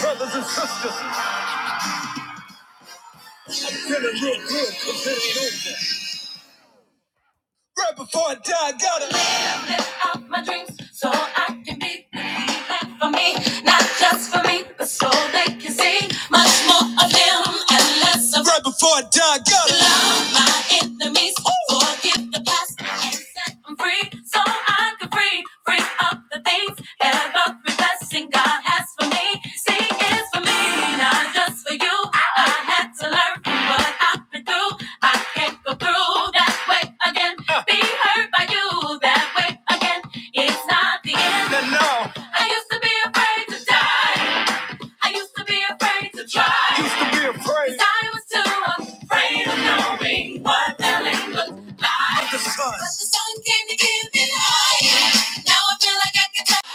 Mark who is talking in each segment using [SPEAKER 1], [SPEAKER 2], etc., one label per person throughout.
[SPEAKER 1] brothers and sisters. I'm Feeling real good, 'cause it ain't over. Right before I die, I gotta live, live out my dreams so I can be the healing for me. Not just for me, but so they can see much more of them and less of Right before I die, I gotta love my enemies, forgive the past, and set them free so I can free, free up the things that every blessing God has for me. See, it's for me, not just for you. I had to learn from what I've been through. I can't go through that way again. Be hurt by you that way again. It's not the end. No, no. I used to be afraid to die. I used to be afraid to try. Used to be afraid. 'Cause I was too afraid of knowing what the land looked like. But the sun. But the sun came to give me life. Now I feel like I can touch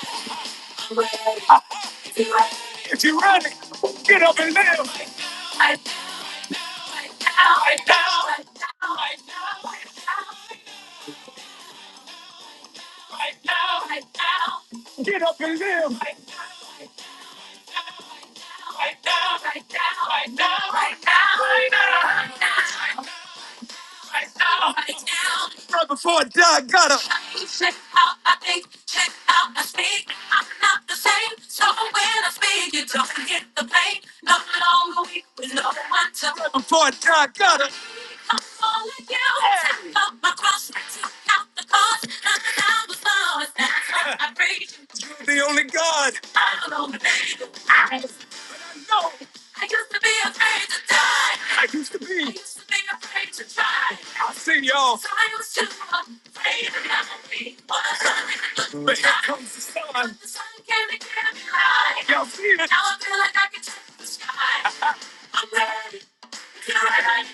[SPEAKER 1] you right, right now, right now, right now, right now, right now. Right now, right now, right now, right now, right now, right now, right now, right now, right now. Right before I die, gotta. Check out my think, check out my speak. I'm not the same, so when I speak, you don't forget the pain. No longer weak with no one to. Right before I die, gotta. I'm falling you. Hey. Take up my cross, take out the cause. I'm down with thoughts, that's why I praise you. You're the only God. I'm don't the only I know. I used to be afraid to die. I used to be. I used to be afraid to try. I have seen y'all. But here comes the sun. Y'all see it?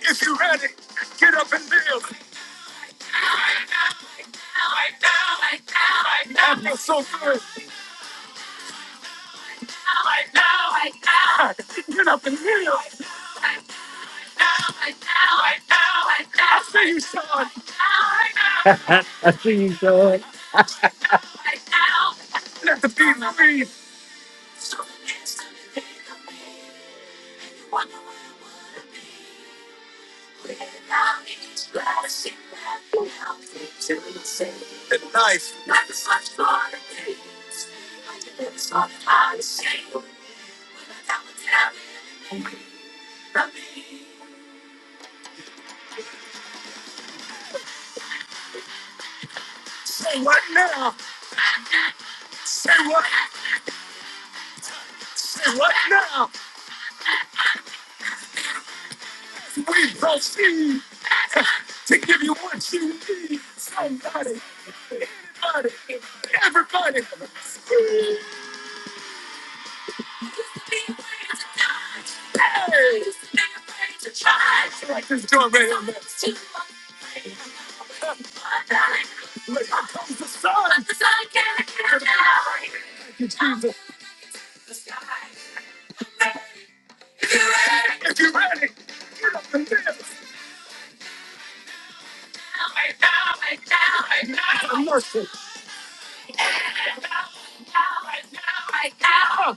[SPEAKER 1] If you're ready, get up and live. I see you, son. The knife. Say what now? Say what? Say what now? We proceed to give you what you need. Somebody, anybody, everybody. Hey! Like this joint right here, man. Look, here comes the sun. Thank you, Jesus. Hey!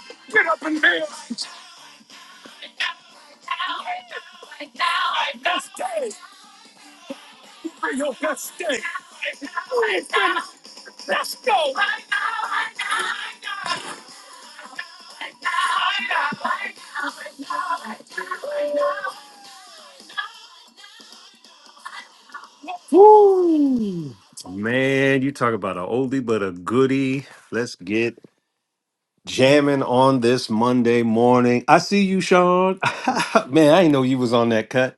[SPEAKER 1] Man, you talk about a oldie but a goodie. Let's get jamming on this Monday morning. I see you, Sean. Man, I didn't know you was on that cut.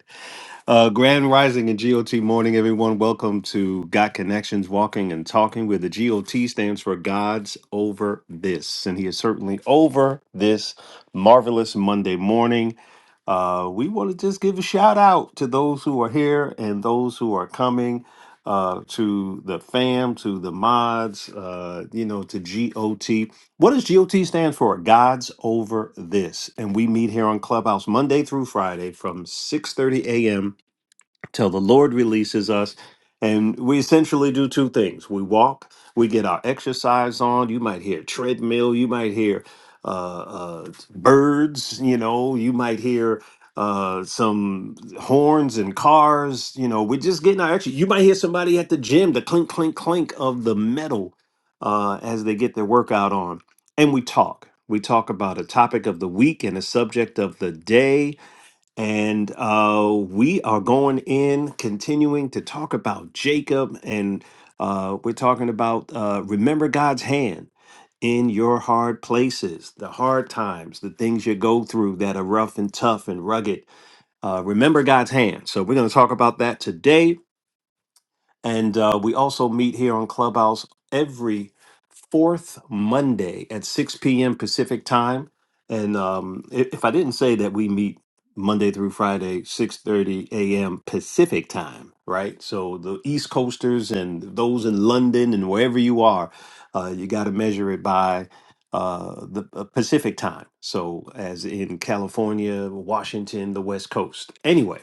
[SPEAKER 1] Uh, Grand Rising and GOT morning, everyone. Welcome to Got Connections Walking and Talking, where the GOT stands for God's Over This. And He is certainly over this marvelous Monday morning. Uh, we want to just give a shout out to those who are here and those who are coming. Uh, to the fam, to the mods, uh, you know, to GOT. What does GOT stand for? God's over this, and we meet here on Clubhouse Monday through Friday from 6:30 a.m till the Lord releases us. And we essentially do two things we walk, we get our exercise on. You might hear treadmill, you might hear uh, uh, birds, you know, you might hear uh some horns and cars you know we're just getting our exercise you might hear somebody at the gym the clink clink clink of the metal uh as they get their workout on and we talk we talk about a topic of the week and a subject of the day and uh, we are going in, continuing to talk about Jacob. And uh, we're talking about uh, remember God's hand in your hard places, the hard times, the things you go through that are rough and tough and rugged. Uh, remember God's hand. So we're going to talk about that today. And uh, we also meet here on Clubhouse every fourth Monday at 6 p.m. Pacific time. And um, i- if I didn't say that we meet Monday through Friday, 6:30 a.m. Pacific time, right? So the East Coasters and those in London and wherever you are, uh, you got to measure it by uh, the uh, Pacific time. So as in California, Washington, the West Coast. Anyway.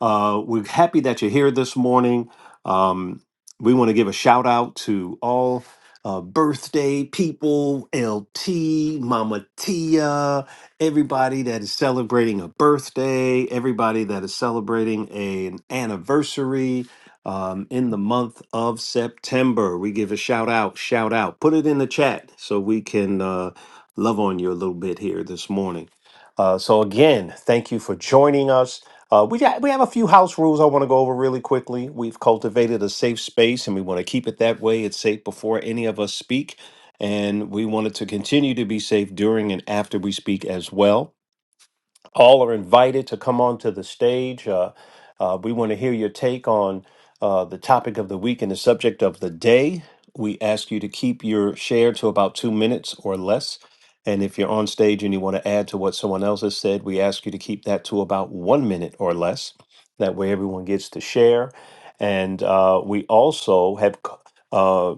[SPEAKER 1] Uh, we're happy that you're here this morning. Um, we want to give a shout out to all uh, birthday people, LT, Mama Tia, everybody that is celebrating a birthday, everybody that is celebrating a- an anniversary um, in the month of September. We give a shout out, shout out. Put it in the chat so we can uh, love on you a little bit here this morning. Uh, so, again, thank you for joining us. Uh, we got, we have a few house rules I want to go over really quickly. We've cultivated a safe space, and we want to keep it that way. It's safe before any of us speak, and we want it to continue to be safe during and after we speak as well all are invited to come onto the stage. Uh, uh, we want to hear your take on uh, the topic of the week and the subject of the day. We ask you to keep your share to about two minutes or less. And if you're on stage and you want to add to what someone else has said, we ask you to keep that to about one minute or less. That way, everyone gets to share. And uh, we also have. uh,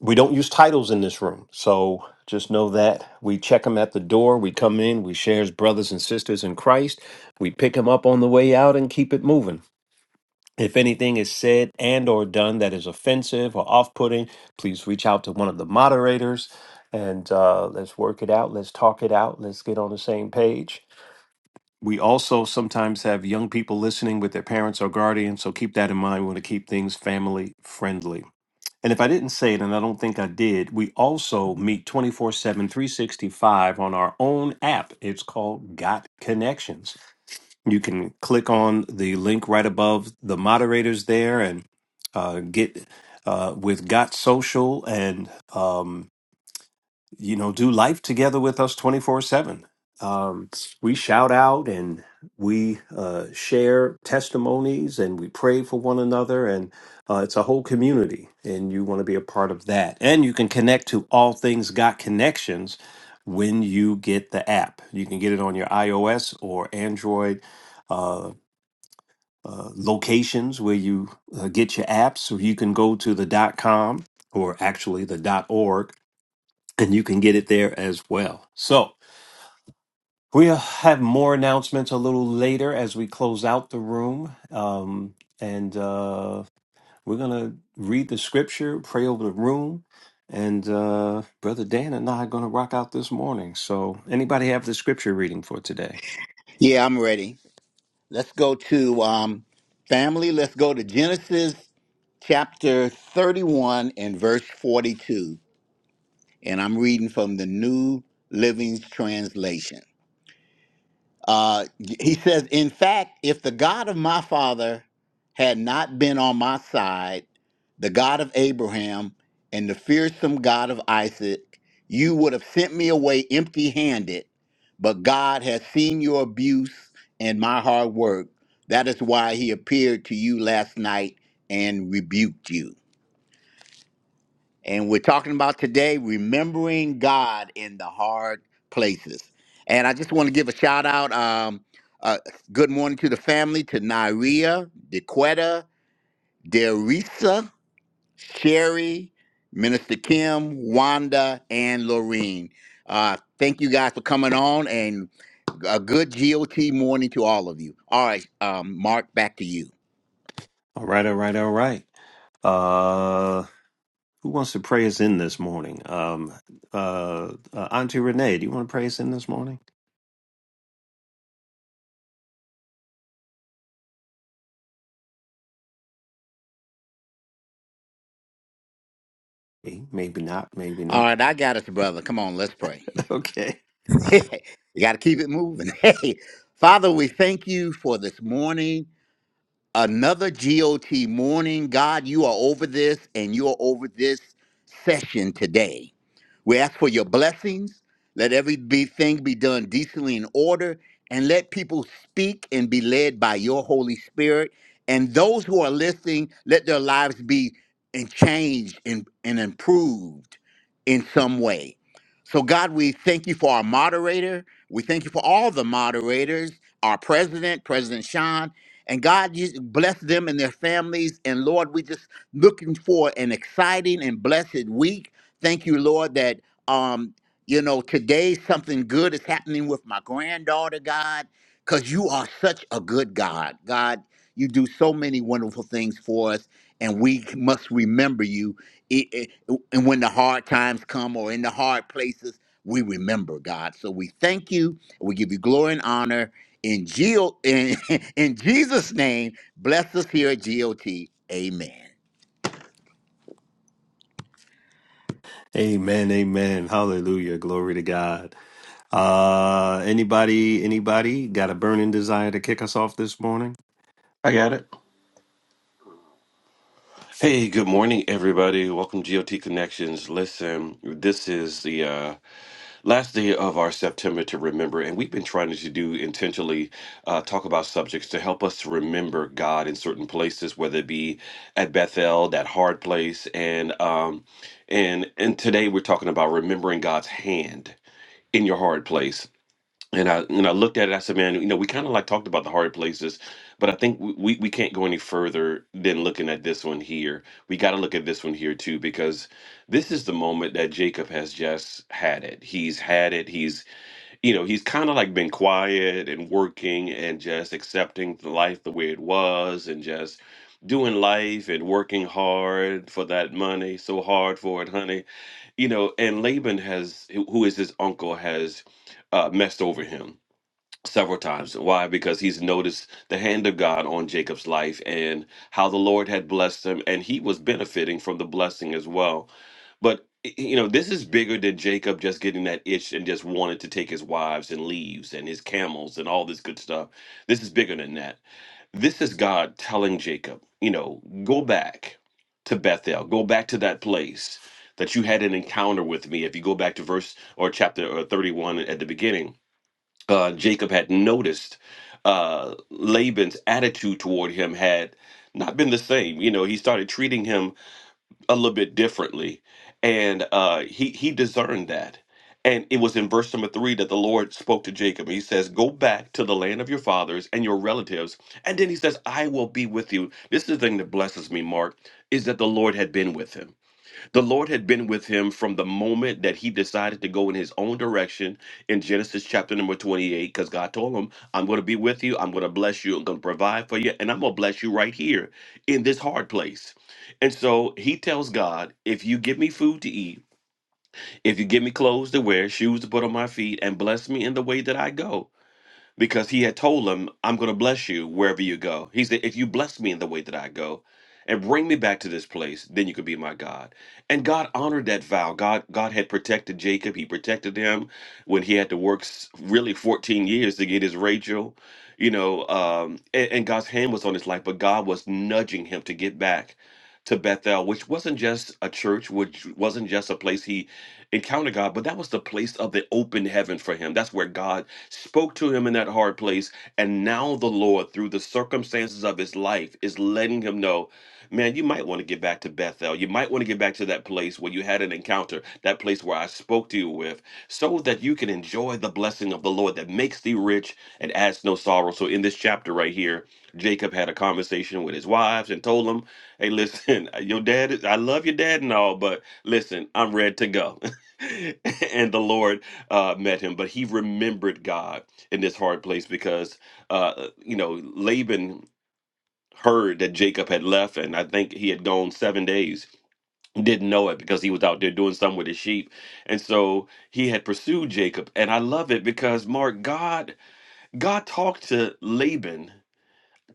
[SPEAKER 1] we don't use titles in this room, so just know that we check them at the door. We come in, we share as brothers and sisters in Christ. We pick them up on the way out and keep it moving. If anything is said and or done that is offensive or off-putting, please reach out to one of the moderators and uh, let's work it out. Let's talk it out. Let's get on the same page. We also sometimes have young people listening with their parents or guardians, so keep that in mind. We want to keep things family friendly. And if I didn't say it, and I don't think I did, we also meet twenty four seven, three sixty five on our own app. It's called Got Connections. You can click on the link right above the moderators there and uh, get uh, with Got Social and. Um, you know, do life together with us 24 7. Um, we shout out and we uh, share testimonies and we pray for one another. And uh, it's a whole community, and you want to be a part of that. And you can connect to All Things Got Connections when you get the app. You can get it on your iOS or Android. Uh, uh, locations where you uh, get your apps, or you can go to the dot .com or actually the dot .org and you can get it there as well. So we'll have more announcements a little later as we close out the room. Um, and uh, we're going to read the scripture, pray over the room. And uh, Brother Dan and I are going to rock out this morning. So anybody have the scripture reading for today?
[SPEAKER 2] Yeah, I'm ready. Let's go to um, family. Let's go to Genesis chapter 31 and verse 42. And I'm reading from the New Living Translation. Uh, he says, In fact, if the God of my father had not been on my side, the God of Abraham and the fearsome God of Isaac, you would have sent me away empty handed. But God has seen your abuse and my hard work. That is why he appeared to you last night and rebuked you. And we're talking about today remembering God in the hard places. And I just want to give a shout out. Um, uh, good morning to the family, to Nairia, DeQuetta, Derisa, Sherry, Minister Kim, Wanda, and Lorene. Uh, thank you guys for coming on and a good GOT morning to all of you. All right, um, Mark, back to you.
[SPEAKER 1] All right, all right, all right. Uh, who wants to pray us in this morning? Um, uh, uh, Auntie Renee, do you want to pray us in this morning? Maybe maybe not, maybe
[SPEAKER 2] All
[SPEAKER 1] not.
[SPEAKER 2] right, I got us, brother. Come on, let's pray.
[SPEAKER 1] Okay.
[SPEAKER 2] you got to keep it moving. Hey, Father, we thank you for this morning. Another GOT morning. God, you are over this and you are over this session today. We ask for your blessings. Let every thing be done decently in order, and let people speak and be led by your Holy Spirit. And those who are listening, let their lives be and changed and, and improved in some way. So, God, we thank you for our moderator. We thank you for all the moderators, our president, President Sean. And God, you bless them and their families. And Lord, we just looking for an exciting and blessed week Thank you, Lord, that um, you know, today something good is happening with my granddaughter, God, because you are such a good God. God, you do so many wonderful things for us, and we must remember you. I- I- And when the hard times come or in the hard places, we remember God. So we thank you. We give you glory and honor in Geo in, in Jesus' name. Bless us here at GOT. Amen.
[SPEAKER 1] Amen, amen. Hallelujah. Glory to God. Uh anybody anybody got a burning desire to kick us off this morning?
[SPEAKER 3] I got it. Hey, welcome to GOT Connections. Listen, this is the uh, last day of our September to remember, and we've been trying to do intentionally uh, talk about subjects to help us to remember God in certain places, whether it be at Bethel, that hard place, and um, and and today we're talking about remembering God's hand in your hard place. and I and I looked at it. I said, "Man, you know, we kind of like talked about the hard places, but I think we, we we can't go any further than looking at this one here. We got to look at this one here too, because this is the moment that Jacob has just had it. He's had it. He's you know he's kind of like been quiet and working and just accepting the life the way it was and just doing life and working hard for that money, so hard for it, honey. You know, and Laban has, who who is his uncle, has uh, messed over him several times. Why? Because he's noticed the hand of God on Jacob's life and how the Lord had blessed him, and he was benefiting from the blessing as well. But y- you know, this is bigger than Jacob just getting that itch and just wanted to take his wives and leaves and his camels and all this good stuff. This is bigger than that. This is God telling Jacob, you know, go back to Bethel, go back to that place that you had an encounter with me. If you go back to verse or chapter uh, 31 at the beginning, uh, Jacob had noticed uh, Laban's attitude toward him had not been the same. You know, he started treating him a little bit differently, and uh, he he discerned that. And it was in verse number three that the Lord spoke to Jacob. He says, Go back to the land of your fathers and your relatives. And then he says, I will be with you. This is the thing that blesses me, Mark, is that the Lord had been with him the Lord had been with him from the moment that he decided to go in his own direction in Genesis chapter number 28, because God told him, I'm going to be with you, I'm going to bless you, I'm going to provide for you, and I'm going to bless you right here in this hard place. And so he tells God, If you give me food to eat, if you give me clothes to wear, shoes to put on my feet, and bless me in the way that I go because he had told him, I'm going to bless you wherever you go. He said, If you bless me in the way that I go and bring me back to this place, then you could be my God. And God honored that vow. God, God had protected Jacob. He protected him when he had to work s- really 14 years to get his Rachel, you know, um, and, and God's hand was on his life, but God was nudging him to get back to Bethel, which wasn't just a church, which wasn't just a place he encountered God, but that was the place of the open heaven for him. That's where God spoke to him in that hard place. And now the Lord, through the circumstances of his life, is letting him know, man, you might want to get back to Bethel. You might want to get back to that place where you had an encounter, that place where I spoke to you with, so that you can enjoy the blessing of the Lord that makes thee rich and adds no sorrow. So in this chapter right here, Jacob had a conversation with his wives and told them, hey, listen, your dad, is, I love your dad and all, but listen, I'm ready to go. and the Lord uh, met him, but he remembered God in this hard place because, uh, you know, Laban heard that Jacob had left, and I think he had gone seven days. He Didn't know it because he was out there doing something with his sheep, and so he had pursued Jacob. And I love it because Mark, God, God talked to Laban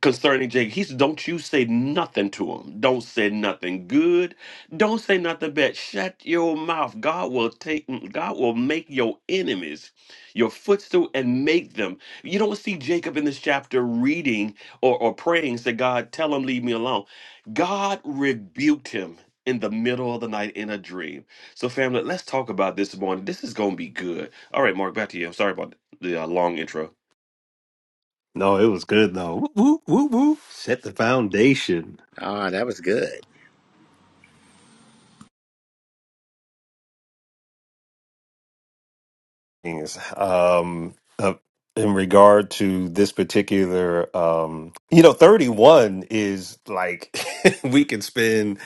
[SPEAKER 3] concerning Jacob. He said, Don't you say nothing to him. Don't say nothing good. Don't say nothing bad. Shut your mouth. God will take mm, God will make your enemies your footstool and make them. You don't see Jacob in this chapter reading or, or praying, say, God, tell him, leave me alone. God rebuked him in the middle of the night in a dream. So, family, let's talk about this morning. This is gonna be good. All right, Mark, back to you. I'm sorry about the uh, long intro.
[SPEAKER 1] No, it was good though. Woo, woo, woo, whoop. Set the foundation.
[SPEAKER 2] Ah, that was good.
[SPEAKER 1] things um, uh, in regard to this particular. Um, you know, thirty-one is like we can spend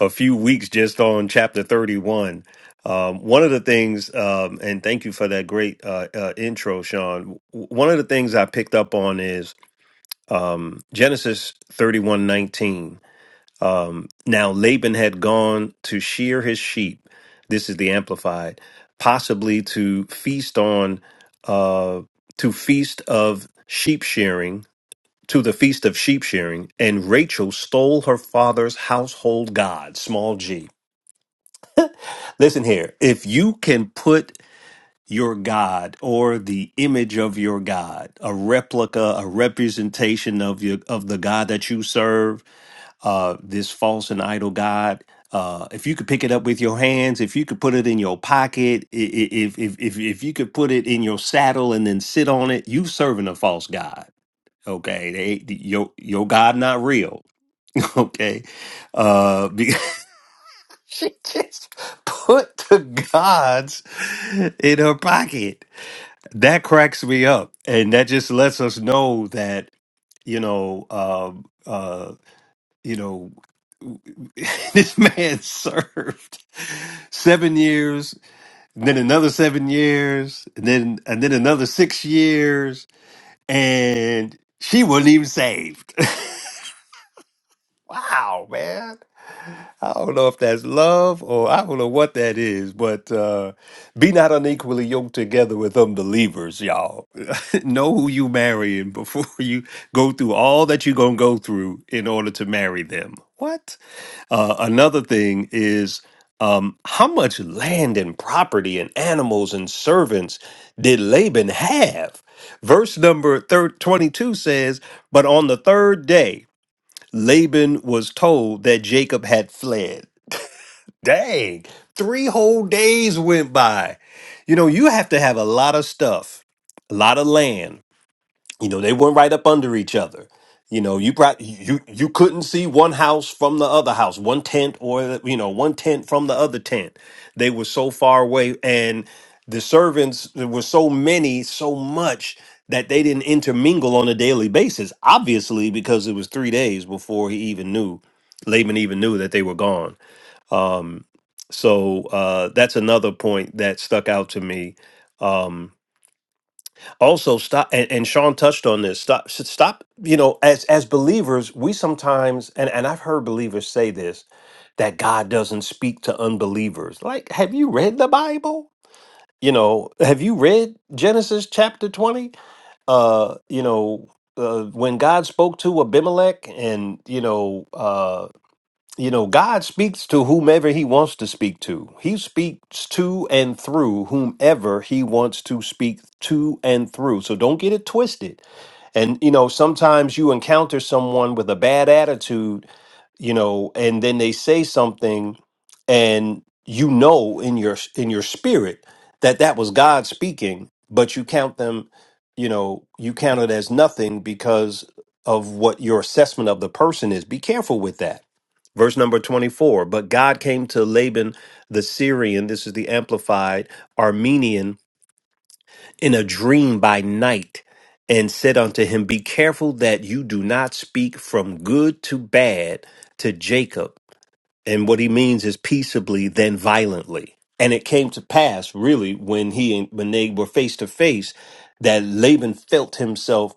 [SPEAKER 1] a few weeks just on chapter thirty-one. Um, one of the things, um, and thank you for that great uh, uh, intro, Sean. W- One of the things I picked up on is um, Genesis thirty-one nineteen. Um, now Laban had gone to shear his sheep. This is the Amplified, possibly to feast on, uh, to feast of sheep shearing, to the feast of sheep shearing, and Rachel stole her father's household god, small g. Listen here, if you can put your god or the image of your god, a replica, a representation of your of the god that you serve uh, this false and idol god. Uh, if you could pick it up with your hands, if you could put it in your pocket, i- i- if if if if you could put it in your saddle and then sit on it, you serving a false god. Okay, they, the- your your God not real. Okay, uh, be- she just put the gods in her pocket. That cracks me up, and that just lets us know that you know um, uh, you know. this man served seven years, and then another seven years, and then and then another six years, and she wasn't even saved. wow, man. I don't know if that's love or I don't know what that is, but uh, be not unequally yoked together with unbelievers, y'all. know who you marrying before you go through all that you're going to go through in order to marry them. What? Uh, another thing is um, how much land and property and animals and servants did Laban have? Verse number thir- 22 says, But on the third day, Laban was told that Jacob had fled. Dang, three whole days went by. You know, you have to have a lot of stuff, a lot of land. You know, they went right up under each other. You know, you brought you you couldn't see one house from the other house, one tent or you know, one tent from the other tent. They were so far away, and the servants there were so many, so much that they didn't intermingle on a daily basis. Obviously, because it was three days before he even knew Laban even knew that they were gone. So uh, that's another point that stuck out to me. Um, also, stop and, and Sean touched on this. Stop, s- stop. You know, as as believers, we sometimes and and I've heard believers say this that God doesn't speak to unbelievers. Like, have you read the Bible? You know, have you read Genesis chapter twenty? Uh, you know, uh, when God spoke to Abimelech, and you know. uh, you know, God speaks to whomever he wants to speak to. He speaks to and through whomever he wants to speak to and through. So don't get it twisted. And, you know, sometimes you encounter someone with a bad attitude, you know, and then they say something and you know in your in your spirit that that was God speaking, but you count them, you know, you count it as nothing because of what your assessment of the person is. Be careful with that Verse number 24 But God came to Laban the Syrian, this is the Amplified Armenian, in a dream by night and said unto him, Be careful that you do not speak from good to bad to Jacob. And what he means is peaceably, then violently. And it came to pass, really, when he and when they were face to face, that Laban felt himself,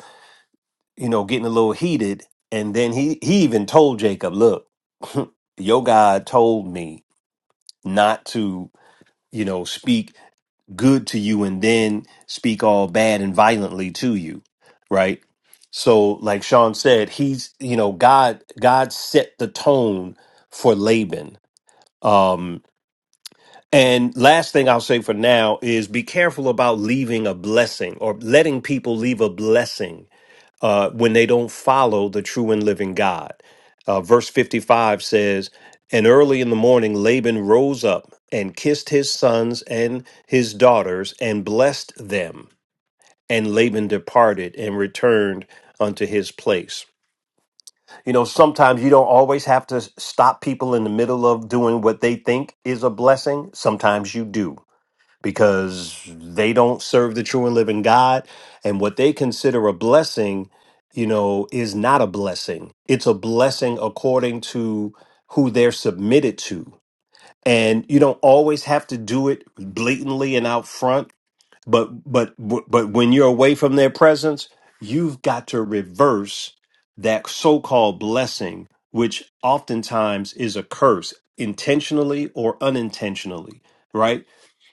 [SPEAKER 1] you know, getting a little heated. And then he he even told Jacob, Look, your God told me not to you know speak good to you and then speak all bad and violently to you right so like sean said he's you know god god set the tone for laban um and last thing i'll say for now is be careful about leaving a blessing or letting people leave a blessing uh, when they don't follow the true and living God. Uh, verse 55 says, And early in the morning, Laban rose up and kissed his sons and his daughters and blessed them. And Laban departed and returned unto his place. You know, sometimes you don't always have to s- stop people in the middle of doing what they think is a blessing. Sometimes you do because they don't serve the true and living God. And what they consider a blessing, you know, is not a blessing. It's a blessing according to who they're submitted to. And you don't always have to do it blatantly and out front, but but but when you're away from their presence, you've got to reverse that so-called blessing, which oftentimes is a curse, intentionally or unintentionally right?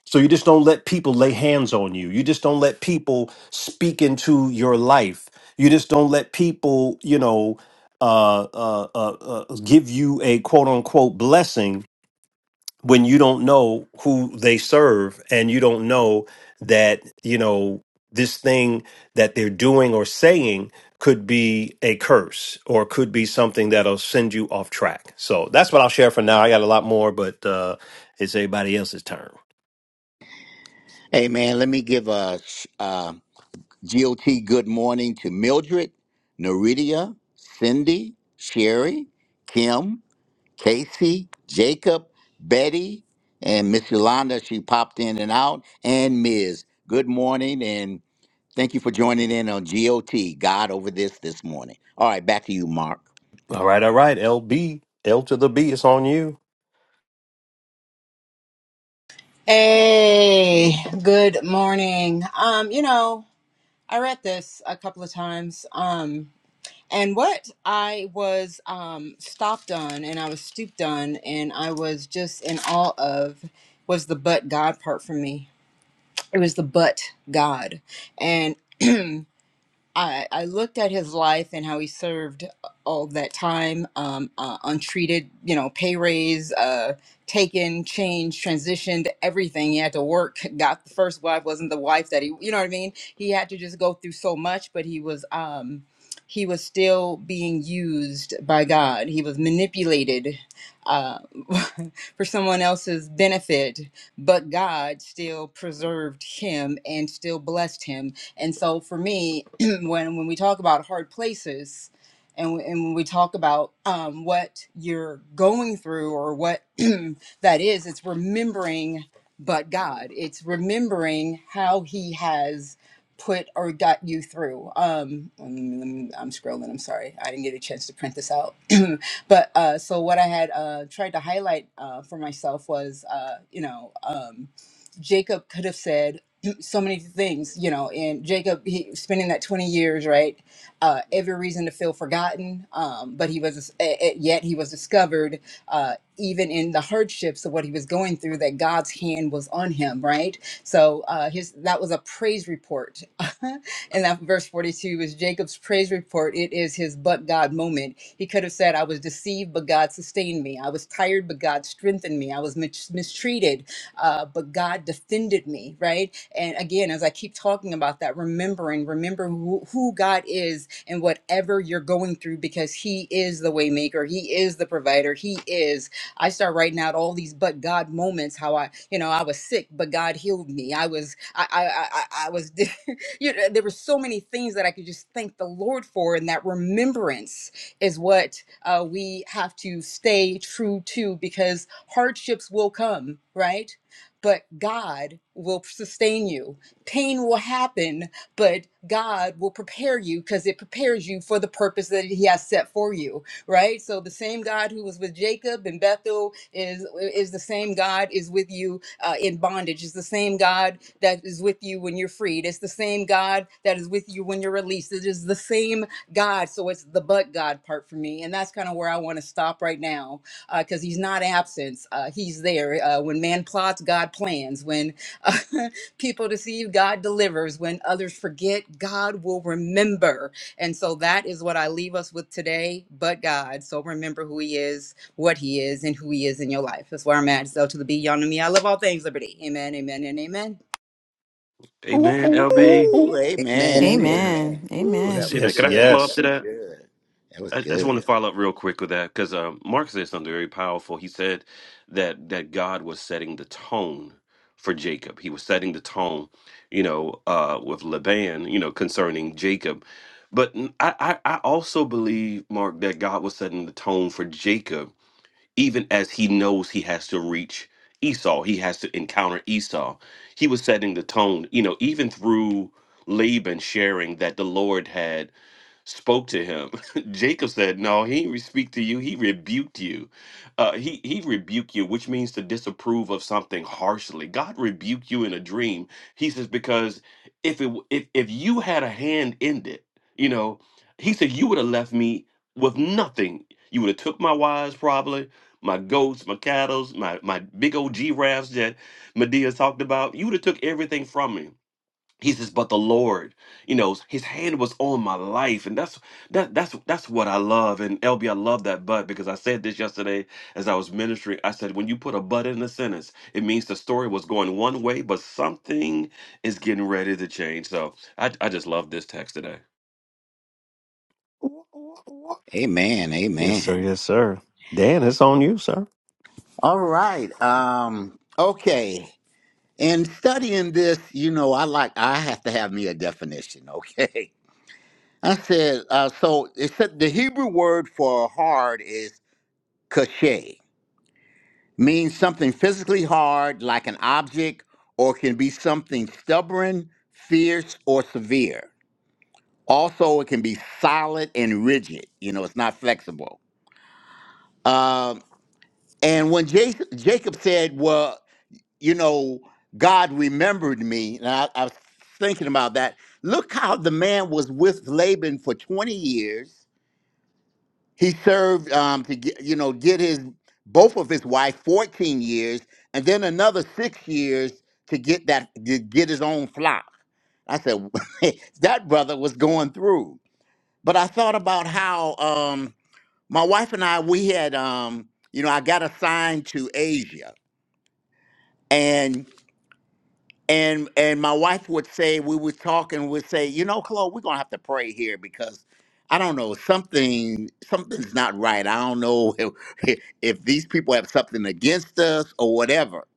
[SPEAKER 1] So you just don't let people lay hands on you. You just don't let people speak into your life. You just don't let people, you know, uh, uh, uh, uh, give you a quote unquote blessing when you don't know who they serve and you don't know that, you know, this thing that they're doing or saying could be a curse or could be something that'll send you off track. So that's what I'll share for now. I got a lot more, but uh, it's everybody else's turn.
[SPEAKER 2] Hey man, let me give a sh- uh, GOT good morning to Mildred, Neridia, Cindy, Sherry, Kim, Casey, Jacob, Betty, and Miss Yolanda. She popped in and out, and Ms. Good morning, and thank you for joining in on GOT God over this this morning. All right, back to you, Mark.
[SPEAKER 1] All right, all right. L B L to the B, it's on you.
[SPEAKER 4] Hey, good morning. Um, you know, I read this a couple of times. Um, and what I was um stopped on and I was stooped on and I was just in awe of was the but God part for me. It was the but God. And I, I looked at his life and how he served all that time, um, uh, untreated, you know, pay raise, uh, taken, changed, transitioned, everything. He had to work, got the first wife, wasn't the wife that he, you know what I mean? He had to just go through so much, but he was, um, he was still being used by God. He was manipulated uh, for someone else's benefit, but God still preserved him and still blessed him and so for me, when when we talk about hard places and, and when we talk about um, what you're going through or what that is it's remembering but god it's remembering how he has put or got you through um i'm, I'm scrolling i'm sorry i didn't get a chance to print this out but uh so what i had uh tried to highlight uh for myself was uh you know um Jacob could have said do so many things, you know. And Jacob, he spending that twenty years, right? Uh, every reason to feel forgotten, um, but he was eh, eh, yet he was discovered, uh, even in the hardships of what he was going through, that God's hand was on him, right? So uh, his that was a praise report, and that verse forty-two is Jacob's praise report. It is his but God moment. He could have said, "I was deceived, but God sustained me. I was tired, but God strengthened me. I was mis- mistreated, uh, but God defended me, right? And again, as I keep talking about that, remembering, remember who, who God is and whatever you're going through, because He is the waymaker, He is the provider, He is. I start writing out all these but God moments. How I, you know, I was sick, but God healed me. I was, I, I, I, I I was. you know, there were so many things that I could just thank the Lord for, and that remembrance is what uh, we have to stay true to because hardships will come, right? but God will sustain you. Pain will happen, but God will prepare you because it prepares you for the purpose that He has set for you, right? So the same God who was with Jacob and Bethel is is the same God is with you uh, in bondage. It's the same God that is with you when you're freed. It's the same God that is with you when you're released. It is the same God. So it's the but God part for me, and that's kind of where I want to stop right now because he's not absent. Uh, he's there. Uh, when man plots, God plans. When uh, people deceive, God delivers. When others forget, God will remember. And so that is what I leave us with today, but God. So remember who he is, what he is, and who he is in your life. That's where I'm at. So to the B, y'all know me. I love all things liberty. Amen, amen, and amen.
[SPEAKER 3] Amen, LB.
[SPEAKER 2] Ooh,
[SPEAKER 5] Amen,
[SPEAKER 2] amen,
[SPEAKER 5] amen,
[SPEAKER 2] amen.
[SPEAKER 6] Amen.
[SPEAKER 2] Ooh, that
[SPEAKER 1] Yes,
[SPEAKER 6] Amen.
[SPEAKER 3] Yeah,
[SPEAKER 2] was
[SPEAKER 3] man,
[SPEAKER 1] yes,
[SPEAKER 3] can I
[SPEAKER 2] good.
[SPEAKER 3] follow up
[SPEAKER 2] That
[SPEAKER 3] to
[SPEAKER 1] yes.
[SPEAKER 2] was
[SPEAKER 3] that?
[SPEAKER 2] good. That was
[SPEAKER 3] I, I just want
[SPEAKER 2] good.
[SPEAKER 3] to follow up real quick with that because uh, Mark said something very powerful. He said that that God was setting the tone for Jacob. He was setting the tone, you know, uh, with Laban, you know, concerning Jacob. But n- I, I I also believe Mark that God was setting the tone for Jacob, even as he knows he has to reach Esau. He has to encounter Esau. He was setting the tone, you know, even through Laban sharing that the Lord had spoke to him. Jacob said, No, he didn't speak to you. He rebuked you. Uh, he, he rebuked you, which means to disapprove of something harshly. God rebuked you in a dream. He says, Because if, it, w- if, if you had a hand in it, you know, he said, You would have left me with nothing. You would have took my wives, probably, my goats, my cattles, my, my big old giraffes that Medea talked about. You would have took everything from me he says but the lord you know his hand was on my life and that's that that's that's what i love and lb i love that but because i said this yesterday as i was ministering i said when you put a but in a sentence it means the story was going one way but something is getting ready to change so i, I just love this text today
[SPEAKER 2] Amen,
[SPEAKER 1] Yes,
[SPEAKER 2] amen.
[SPEAKER 1] sir. Yes, sir. Dan, it's on you, sir.
[SPEAKER 2] All right. Um, okay. In studying this, you know, I like I have to have me a definition, okay? I said uh, so it said the Hebrew word for hard is cachet, means something physically hard like an object or can be something stubborn, fierce or severe. Also, it can be solid and rigid, you know, it's not flexible. Um, and when Jac Jacob said, "Well, you know, God remembered me. And I, I was thinking about that. Look how the man was with Laban for 20 years. He served um, to get, you know, get his both of his wife 14 years, and then another six years to get that to get his own flock. I said that brother was going through. But I thought about how um, my wife and I we had um, you know I got assigned to Asia, and. and and my wife would say we would talk and would say you know chloe we're gonna have to pray here because i don't know something something's not right i don't know if, if these people have something against us or whatever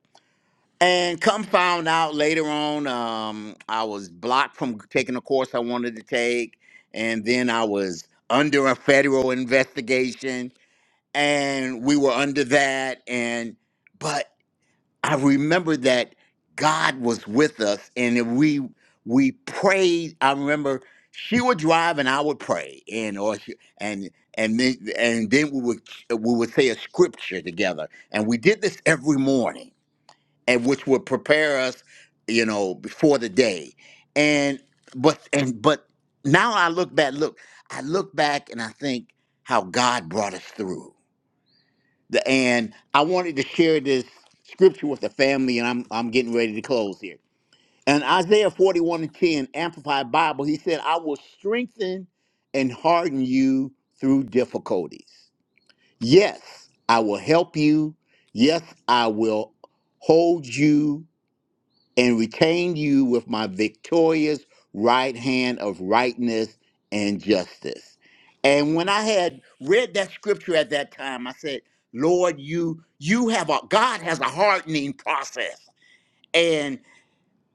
[SPEAKER 2] and come found out later on um, i was blocked from taking a course i wanted to take and then i was under a federal investigation and we were under that and but I remember that God was with us and we we prayed. I remember she would drive and I would pray and or she, and and then and then we would we would say a scripture together and we did this every morning and which would prepare us you know before the day and but and but now I look back look I look back and I think how God brought us through the- and I wanted to share this scripture with the family, and I'm I'm getting ready to close here. In Isaiah 41 and 10, Amplified Bible, he said, I will strengthen and harden you through difficulties. Yes, I will help you. Yes, I will hold you and retain you with my victorious right hand of rightness and justice. And when I had read that scripture at that time, I said, Lord, you you have a God has a hardening process. And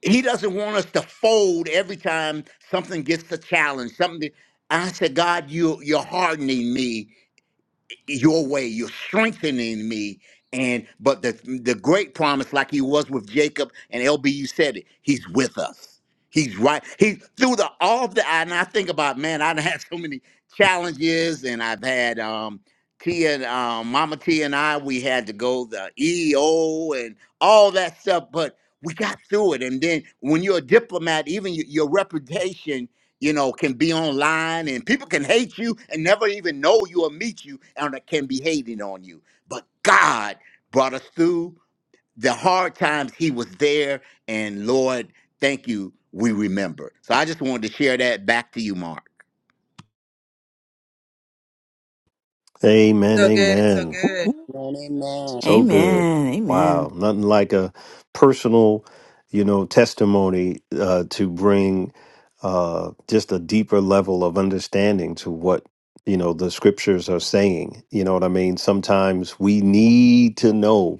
[SPEAKER 2] he doesn't want us to fold every time something gets a challenge. Something I said, God, you you're hardening me your way you're strengthening me and but the the great promise like he was with jacob and lb you said it he's with us he's right he through the all the and i think about man i've had so many challenges and i've had um Tia, and um, Mama Tia, and I, we had to go the EO and all that stuff, but we got through it. And then when you're a diplomat, even your, your reputation you know, can be online and people can hate you and never even know you or meet you and they can be hating on you. But God brought us through the hard times. He was there. And Lord, thank you. We remember. So I just wanted to share that back to you, Mark.
[SPEAKER 1] Amen.
[SPEAKER 4] So good, so
[SPEAKER 1] Amen. Woo,
[SPEAKER 4] good.
[SPEAKER 5] amen, amen.
[SPEAKER 1] So good.
[SPEAKER 6] Amen.
[SPEAKER 1] Wow.
[SPEAKER 6] Amen.
[SPEAKER 1] Nothing like a personal, you know, testimony uh, to bring uh, just a deeper level of understanding to what, you know, the scriptures are saying. You know what I mean? Sometimes we need to know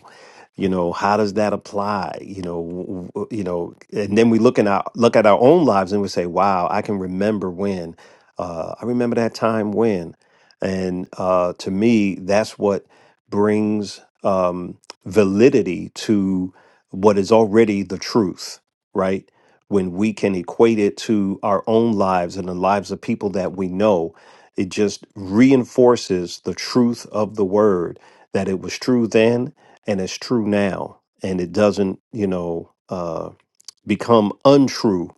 [SPEAKER 1] you know how does that apply you know w- w- you know and then we look in our look at our own lives and we say wow i can remember when uh, i remember that time when and uh, to me that's what brings um, validity to what is already the truth right when we can equate it to our own lives and the lives of people that we know it just reinforces the truth of the word that it was true then and it's true now and it doesn't you know uh become untrue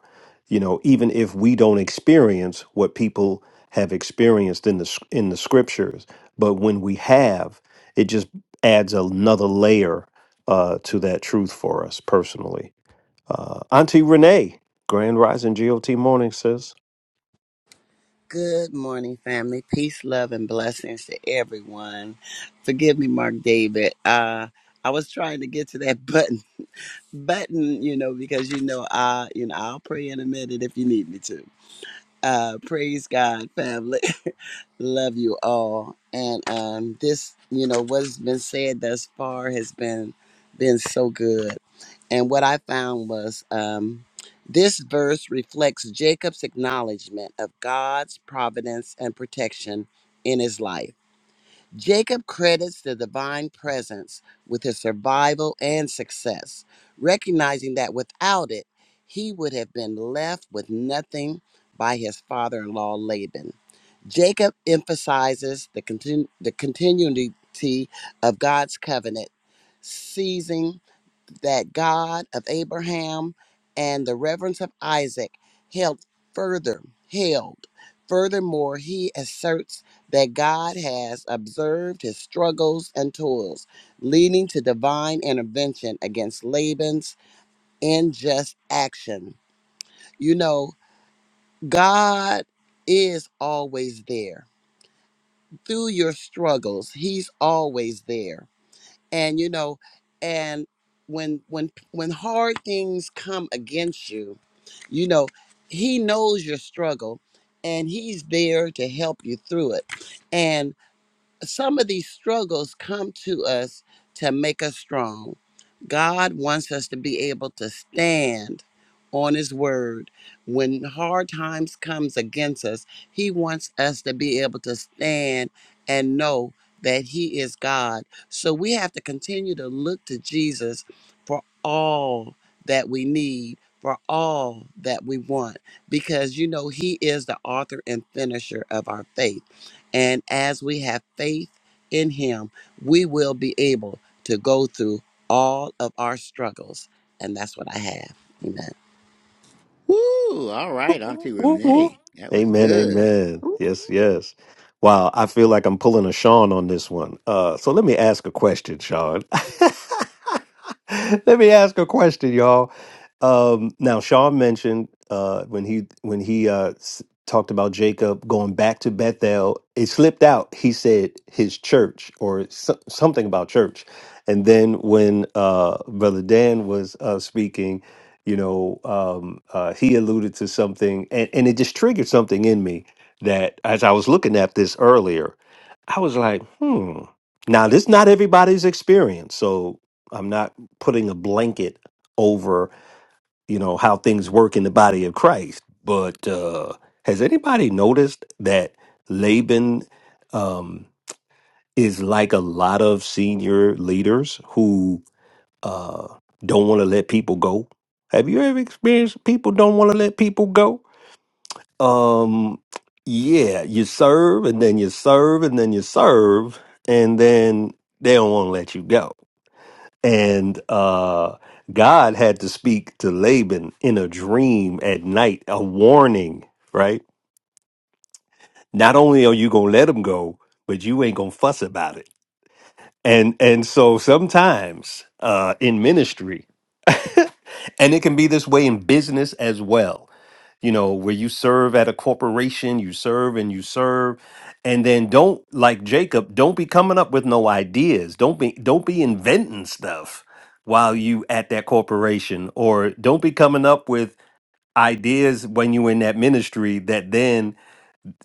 [SPEAKER 1] you know even if we don't experience what people have experienced in the s- in the scriptures but when we have it just adds another layer uh to that truth for us personally uh auntie renee grand rising got morning sis
[SPEAKER 5] Good morning, family. Peace, love, and blessings to everyone. Forgive me, Mark David. Uh, I was trying to get to that button, button, you know, because you know, I, you know, I'll pray in a minute if you need me to. Uh, praise God, family. love you all. And um, this, you know, what's been said thus far has been been so good. And what I found was um, this verse reflects Jacob's acknowledgement of God's providence and protection in his life. Jacob credits the divine presence with his survival and success, recognizing that without it, he would have been left with nothing by his father in law Laban. Jacob emphasizes the, continu- the continuity of God's covenant, seizing that God of Abraham and the reverence of Isaac held further, held. Furthermore, he asserts that God has observed his struggles and toils, leading to divine intervention against Laban's unjust action. You know, God is always there. Through your struggles, he's always there and you know and when when when hard things come against you you know he knows your struggle and he's there to help you through it and some of these struggles come to us to make us strong. God wants us to be able to stand on his word. When hard times comes against us, he wants us to be able to stand and know that he is God. So we have to continue to look to Jesus for all that we need, for all that we want because you know he is the author and finisher of our faith. And as we have faith in Him, we will be able to go through all of our struggles. And that's what I have. Amen.
[SPEAKER 2] Woo! All
[SPEAKER 1] Woo,
[SPEAKER 2] right,
[SPEAKER 1] woo,
[SPEAKER 2] Auntie
[SPEAKER 1] woo, woo.
[SPEAKER 2] Renee. That was
[SPEAKER 1] Amen,
[SPEAKER 2] good.
[SPEAKER 1] amen. Yes, yes. Wow, I feel like I'm pulling a Sean on this one. Uh, so let me ask a question, Sean. let me ask a question, y'all. Um, now, Sean mentioned uh, when he when he uh, s- talked about Jacob going back to Bethel, it slipped out. He said his church or so- something about church, and then when uh, Brother Dan was uh, speaking you know um, uh, he alluded to something and, and it just triggered something in me that as i was looking at this earlier i was like hmm now this not everybody's experience so i'm not putting a blanket over you know how things work in the body of christ but uh, has anybody noticed that laban um, is like a lot of senior leaders who? uh, don't want to let people go. Have you ever experienced people don't want to let people go? Um, yeah, you serve and then you serve and then you serve and then they don't want to let you go. And uh, God had to speak to Laban in a dream at night, a warning, right? Not only are you gonna let him go, but you ain't gonna fuss about it. And and so sometimes uh, in ministry And it can be this way in business as well, you know, where you serve at a corporation, you serve and you serve, and then don't like Jacob, don't be coming up with no ideas. Don't be don't be inventing stuff while you at that corporation, or don't be coming up with ideas when you in that ministry that then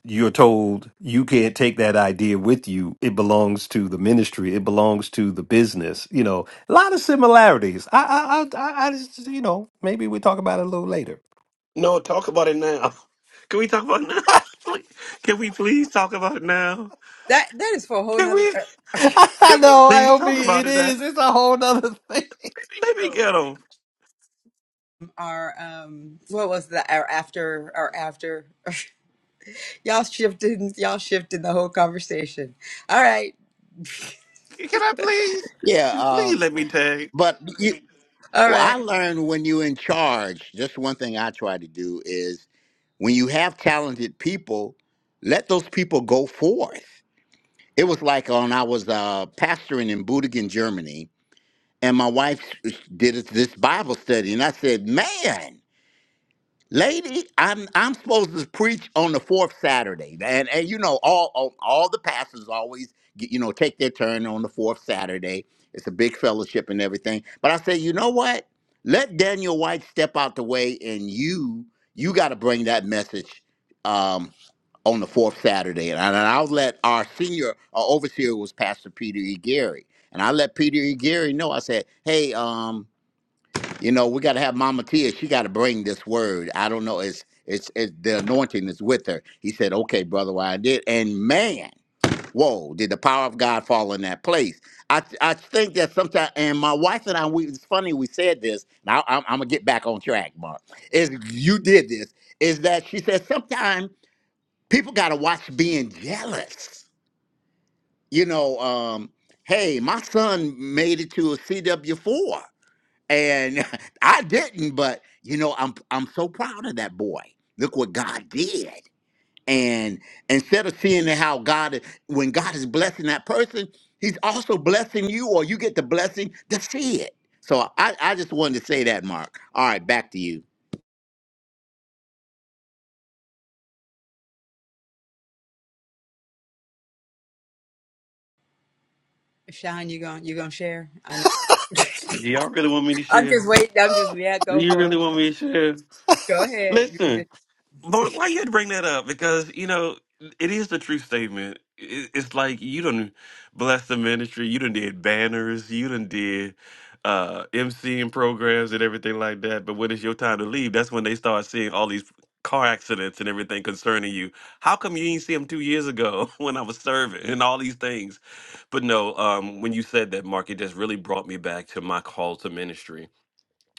[SPEAKER 1] you're told you can't take that idea with you. It belongs to the ministry. It belongs to the business. You know, a lot of similarities. I, I, I, I I just, you know, maybe we talk about it a little later.
[SPEAKER 3] No, talk about it now. Can we talk about it now? Please- Can we please talk about it now?
[SPEAKER 4] That That is for a whole
[SPEAKER 3] Can we
[SPEAKER 4] nother. er,
[SPEAKER 1] I
[SPEAKER 3] can we
[SPEAKER 1] know, I
[SPEAKER 3] please
[SPEAKER 1] hope
[SPEAKER 3] talk about
[SPEAKER 1] it
[SPEAKER 3] it now?
[SPEAKER 1] is. It's a whole nother thing.
[SPEAKER 3] Let me get him.
[SPEAKER 4] Our um, what was that? Our after, our after. Y'all shifting, y'all shifting the whole conversation. All right.
[SPEAKER 3] Can I please?
[SPEAKER 2] Yeah,
[SPEAKER 3] Please
[SPEAKER 2] um,
[SPEAKER 3] let me tag.
[SPEAKER 2] but you,
[SPEAKER 4] All
[SPEAKER 2] well, I
[SPEAKER 4] right.
[SPEAKER 2] learned when you're in charge, just one thing I try to do is when you have talented people, let those people go forth It was like on I was uh, pastoring in Budigen, Germany, and my wife did this Bible study, and I said, "Man, lady, I'm I'm supposed to preach on the fourth Saturday, and and you know all all, all the pastors always get, you know take their turn on the fourth Saturday. It's a big fellowship and everything. But I said, you know what? Let Daniel White step out the way, and you you got to bring that message." Um, on the fourth Saturday, and, I, and I'll let our senior our overseer was Pastor Peter E. Gary, and I let Peter E. Gary know. I said, "Hey, um, you know, we got to have Mama Tia. She got to bring this word. I don't know. It's it's, it's the anointing is with her." He said, "Okay, brother, why I did." And man, whoa, did the power of God fall in that place? I I think that sometimes, and my wife and I, we it's funny we said this. Now I'm, I'm gonna get back on track, Mark. Is you did this? Is that she said sometimes people got to watch being jealous. You know, um, hey, my son made it to a CW4 and I didn't, but you know, I'm I'm so proud of that boy. Look what God did. And instead of seeing how God is- when God is blessing that person, he's also blessing you or you get the blessing to see it. So I, I just wanted to say that, Mark. All right, back to you.
[SPEAKER 4] Sean, you going you gonna share? I know.
[SPEAKER 3] Do y'all really want me to
[SPEAKER 4] I'm
[SPEAKER 3] share?
[SPEAKER 4] just waiting. I'm just yeah,
[SPEAKER 3] Do
[SPEAKER 4] go
[SPEAKER 3] you
[SPEAKER 4] for
[SPEAKER 3] really
[SPEAKER 4] it.
[SPEAKER 3] want me to share?
[SPEAKER 4] Go ahead. You just
[SPEAKER 3] Listen, Lord, why you had to bring that up? Because, you know, it is the true statement. It- It's like you done bless the ministry. You done did banners. You done did uh, MCing programs and everything like that. But when it's your time to leave, that's when they start seeing all these car accidents and everything concerning you. How come you didn't see them two years ago when I was serving and all these things? But no, um, when you said that, Mark, it just really brought me back to my call to ministry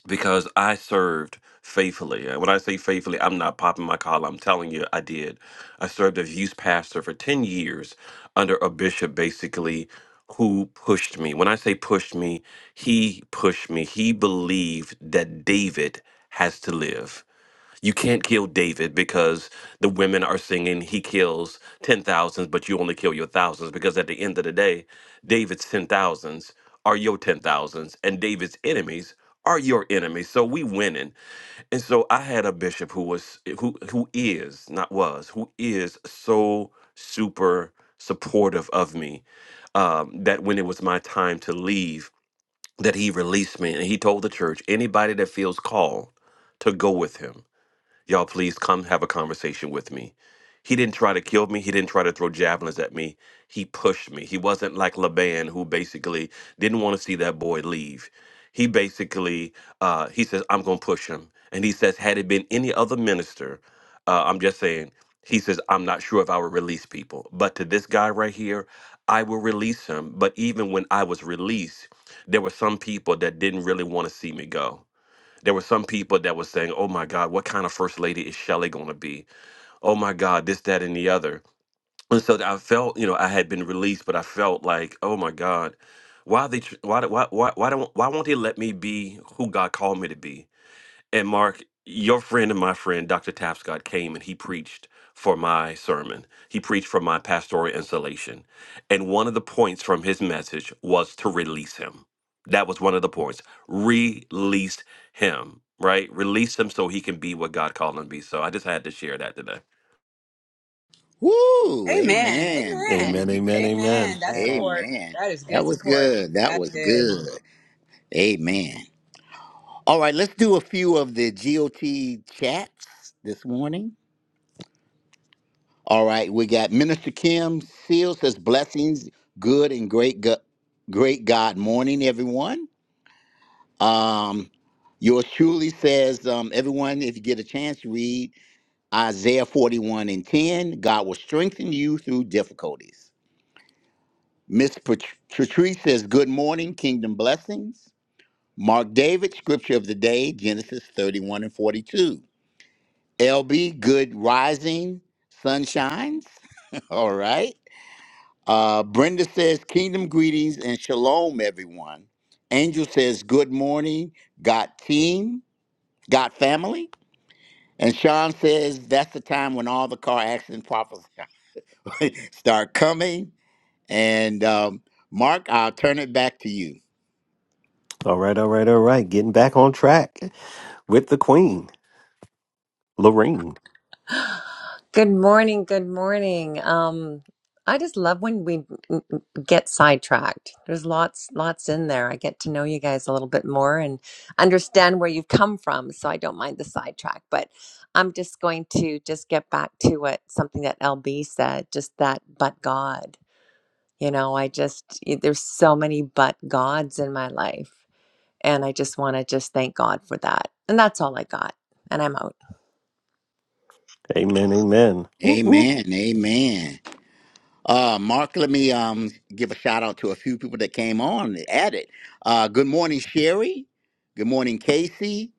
[SPEAKER 3] because I served faithfully. And when I say faithfully, I'm not popping my collar. I'm telling you, I did. I served as youth pastor for 10 years under a bishop, basically, who pushed me. When I say pushed me, he pushed me. He believed that David has to live. You can't kill David because the women are singing he kills ten thousands, but you only kill your thousands. Because at the end of the day, David's ten thousands are your ten thousands, and David's enemies are your enemies. So we winning. And so I had a bishop who was who who is not was who is so super supportive of me um, that when it was my time to leave, that he released me and he told the church anybody that feels called to go with him Y'all, please come have a conversation with me. He didn't try to kill me. He didn't try to throw javelins at me. He pushed me. He wasn't like Laban, who basically didn't want to see that boy leave. He basically, uh, he says, I'm going to push him. And he says, had it been any other minister, uh, I'm just saying, he says, I'm not sure if I would release people. But to this guy right here, I will release him. But even when I was released, there were some people that didn't really want to see me go there were some people that were saying, "Oh my God, what kind of first lady is Shelley going to be? Oh my God, this, that, and the other." And so I felt, you know, I had been released, but I felt like, "Oh my God, why they? tr- Why? do- Why? Why? Why don't? Why won't they let me be who God called me to be?" And Mark, your friend and my friend, Dr. Tapscott, came and he preached for my sermon. He preached for my pastoral installation. And one of the points from his message was to release him. That was one of the points. Release him, right? Release him so he can be what God called him to be. So I just had to share that today.
[SPEAKER 2] Woo!
[SPEAKER 4] Amen.
[SPEAKER 2] Amen. Thank
[SPEAKER 4] Amen.
[SPEAKER 1] Amen,
[SPEAKER 2] you.
[SPEAKER 1] amen,
[SPEAKER 2] Amen.
[SPEAKER 1] amen.
[SPEAKER 4] Amen. That's
[SPEAKER 5] Amen.
[SPEAKER 4] support.
[SPEAKER 2] Amen.
[SPEAKER 4] That is good
[SPEAKER 2] That was
[SPEAKER 4] support.
[SPEAKER 2] good. That
[SPEAKER 4] That's
[SPEAKER 2] was
[SPEAKER 4] good.
[SPEAKER 2] good. Amen. All right, let's do a few of the GOT chats this morning. All right, we got Minister Kim Seal says blessings, good and great, go- great God morning, everyone. Um, yours truly says um, everyone, if you get a chance, read Isaiah forty-one and ten. God will strengthen you through difficulties. Miss Pat- Patrice says, Good morning, kingdom blessings. Mark David, scripture of the day, Genesis 31 and 42. LB, good rising, sunshines. All right. Uh, Brenda says, Kingdom greetings and shalom, everyone. Angel says, Good morning, got team, got family. And Sean says, That's the time when all the car accident problems start coming. And um, Mark, I'll turn it back to you.
[SPEAKER 1] All right, all right, all right. Getting back on track with the queen, Lorene.
[SPEAKER 7] Good morning. Good morning. Um, I just love when we n- n- get sidetracked. There's lots, lots in there. I get to know you guys a little bit more and understand where you've come from. So I don't mind the sidetrack, but I'm just going to just get back to what something that LB said, just that, but God, you know, I just, y- there's so many but gods in my life. And I just want to just thank God for that. And that's all I got. And I'm out.
[SPEAKER 1] Amen, amen. Woo, woo.
[SPEAKER 2] Amen. Amen. Uh, Mark, let me um give a shout out to a few people that came on and added. Uh, good morning, Sherry. Good morning, Casey.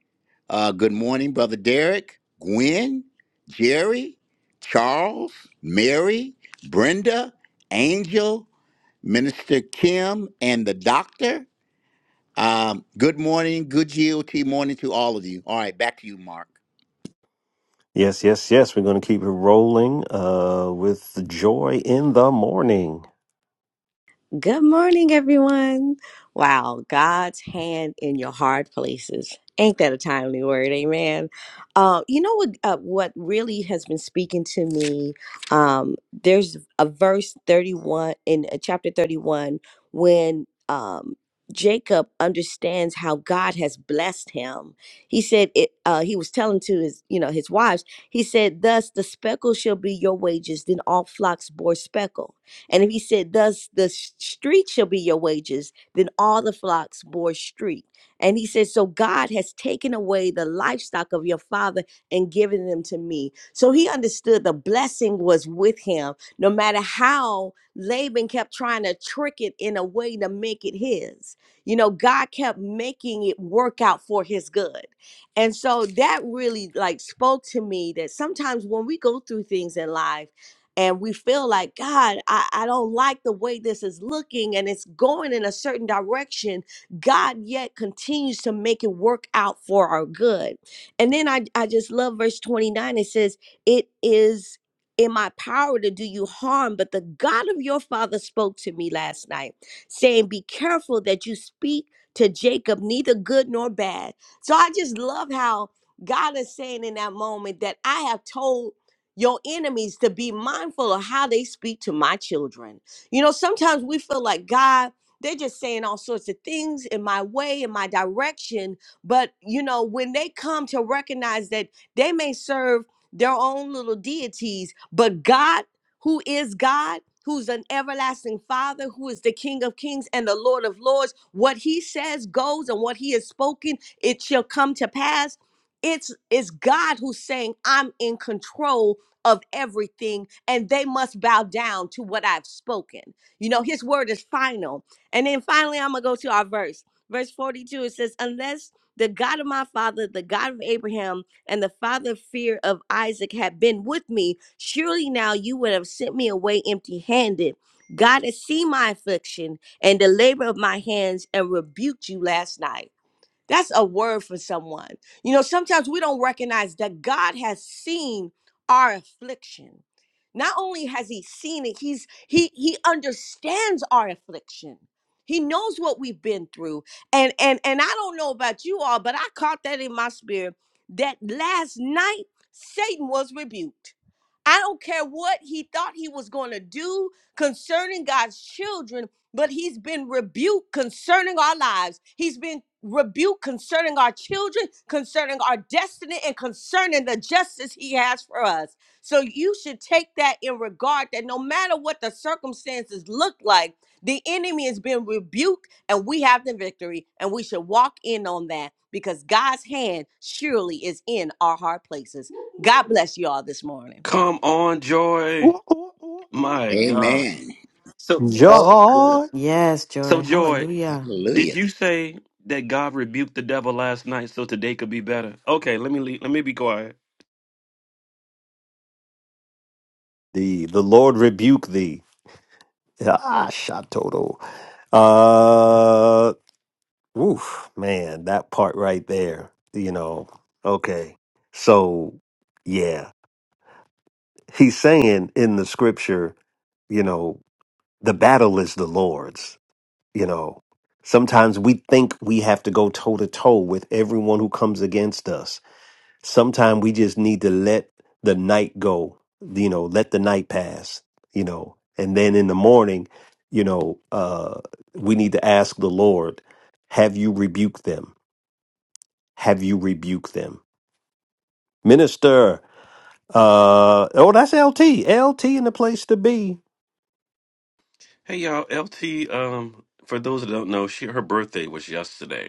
[SPEAKER 2] Uh, good morning, Brother Derek, Gwen, Jerry, Charles, Mary, Brenda, Angel, Minister Kim, and the doctor. Um, good morning, good GOT morning to all of you. All right, back to you, Mark.
[SPEAKER 1] Yes, yes, yes. We're going to keep it rolling uh, with joy in the morning.
[SPEAKER 8] Good morning, everyone. Wow, God's hand in your hard places. Ain't that a timely word? Amen. Uh, you know what? Uh, what really has been speaking to me? Um, there's a verse 31 in uh, chapter 31 when um, Jacob understands how God has blessed him. He said it. Uh, he was telling to his, you know, his wives. He said, "Thus the speckle shall be your wages." Then all flocks bore speckle. And if he said, Thus the s- street shall be your wages, then all the flocks bore street. And he said, So God has taken away the livestock of your father and given them to me. So he understood the blessing was with him, no matter how Laban kept trying to trick it in a way to make it his. You know, God kept making it work out for his good. And so that really like spoke to me that sometimes when we go through things in life, and we feel like god I, I don't like the way this is looking and it's going in a certain direction god yet continues to make it work out for our good and then i, I just love verse 29 it says it is in my power to do you harm but the god of your father spoke to me last night saying be careful that you speak to jacob neither good nor bad so i just love how god is saying in that moment that i have told your enemies to be mindful of how they speak to my children. You know, sometimes we feel like God, they're just saying all sorts of things in my way, in my direction. But, you know, when they come to recognize that they may serve their own little deities, but God, who is God, who's an everlasting father, who is the King of kings and the Lord of lords, what he says goes and what he has spoken, it shall come to pass it's it's God who's saying I'm in control of everything, and they must bow down to what I've spoken. You know, his word is final. And then finally, I'm going to go to our verse. Verse 42 it says, Unless the God of my father, the God of Abraham, and the father of fear of Isaac had been with me, surely now you would have sent me away empty handed. God has seen my affliction and the labor of my hands and rebuked you last night. That's a word for someone. You know, sometimes we don't recognize that God has seen our affliction. Not only has he seen it, he's he he understands our affliction. He knows what we've been through. And and and I don't know about you all, but I caught that in my spirit that last night Satan was rebuked. I don't care what he thought he was going to do concerning God's children but he's been rebuked concerning our lives. He's been rebuked concerning our children, concerning our destiny, and concerning the justice he has for us. So you should take that in regard that no matter what the circumstances look like, the enemy has been rebuked and we have the victory, and we should walk in on that because God's hand surely is in our hard places. God bless you all this morning.
[SPEAKER 3] Come on, Joy.
[SPEAKER 1] Ooh, ooh, ooh, ooh,
[SPEAKER 3] My
[SPEAKER 1] ooh.
[SPEAKER 3] God.
[SPEAKER 2] Amen.
[SPEAKER 3] So
[SPEAKER 5] So good.
[SPEAKER 1] John,
[SPEAKER 6] Yes, joy.
[SPEAKER 3] So, Joy,
[SPEAKER 6] Hallelujah.
[SPEAKER 3] did
[SPEAKER 2] Hallelujah.
[SPEAKER 3] you say that God rebuked the devil last night so today could be better? Okay, let me leave, let me be quiet.
[SPEAKER 1] the the Lord rebuke thee. Ah, Shatoto. Uh, oof, man, that part right there. You know, okay. So, yeah, he's saying in the scripture, you know, the battle is the Lord's. You know, sometimes we think we have to go toe to toe with everyone who comes against us Sometimes we just need to let the night go, you know, let the night pass, you know, and then in the morning, you know, uh, we need to ask the Lord, have you rebuked them? Have you rebuked them? Minister, uh, oh, that's LT, LT in the place to be.
[SPEAKER 3] Hey, y'all. LT, um, for those that don't know, she her birthday was yesterday.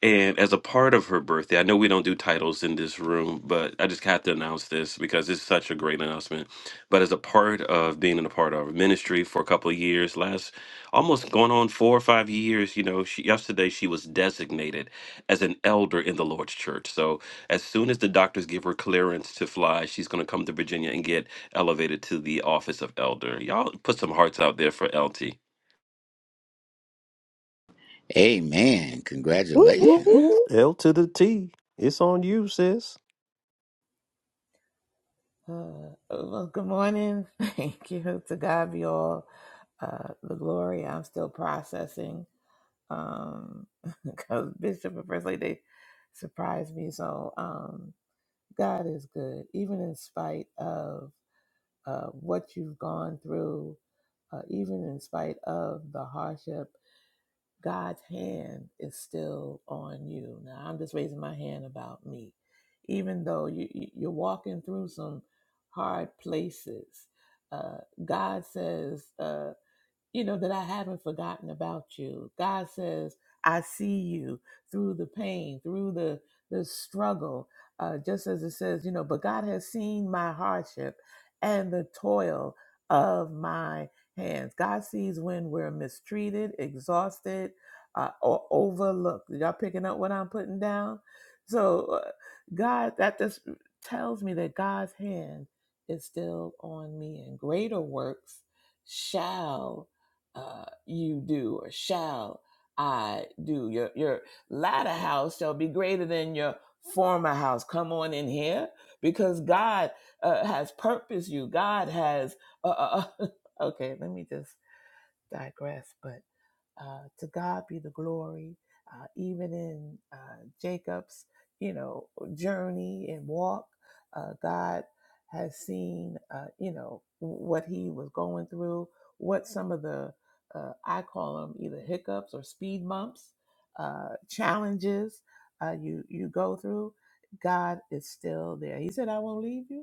[SPEAKER 3] And as a part of her birthday, I know we don't do titles in this room, but I just have to announce this because it's such a great announcement. But as a part of being in a part of ministry for a couple of years, last almost going on four or five years, you know, she, yesterday she was designated as an elder in the Lord's church. So as soon as the doctors give her clearance to fly, she's going to come to Virginia and get elevated to the office of elder. Y'all put some hearts out there for LT.
[SPEAKER 2] Amen.
[SPEAKER 8] Woo, woo,
[SPEAKER 1] Woo,
[SPEAKER 2] Congratulations.
[SPEAKER 8] woo,
[SPEAKER 1] woo, L to the T. It's on you, sis.
[SPEAKER 9] Uh, well, good morning. Thank you. To God be all uh, the glory. I'm still processing um, because Bishop and First Lady they surprised me. So um, God is good, even in spite of uh, what you've gone through, uh, even in spite of the hardship God's hand is still on you. Now I'm just raising my hand about me, even though you you- you're walking through some hard places. Uh, God says. uh, you know, that I haven't forgotten about you. God says, I see you through the pain, through the, the struggle, uh, just as it says, you know, but God has seen my hardship and the toil of my hands. God sees when we're mistreated, exhausted, uh, or overlooked. Y'all picking up what I'm putting down? So, uh, God, that just tells me that God's hand is still on me and greater works shall uh, you do or shall I do. Your your latter house shall be greater than your former house. Come on in here because God uh, has purposed you. God has. Uh, uh, okay, let me just digress, but. Uh, to God be the glory. Uh, even in uh, Jacob's, you know, journey and walk, uh, God has seen, uh, you know, what he was going through, what some of the uh, I call them either hiccups or speed bumps, uh, challenges uh, you you go through. God is still there. He said, "I won't leave you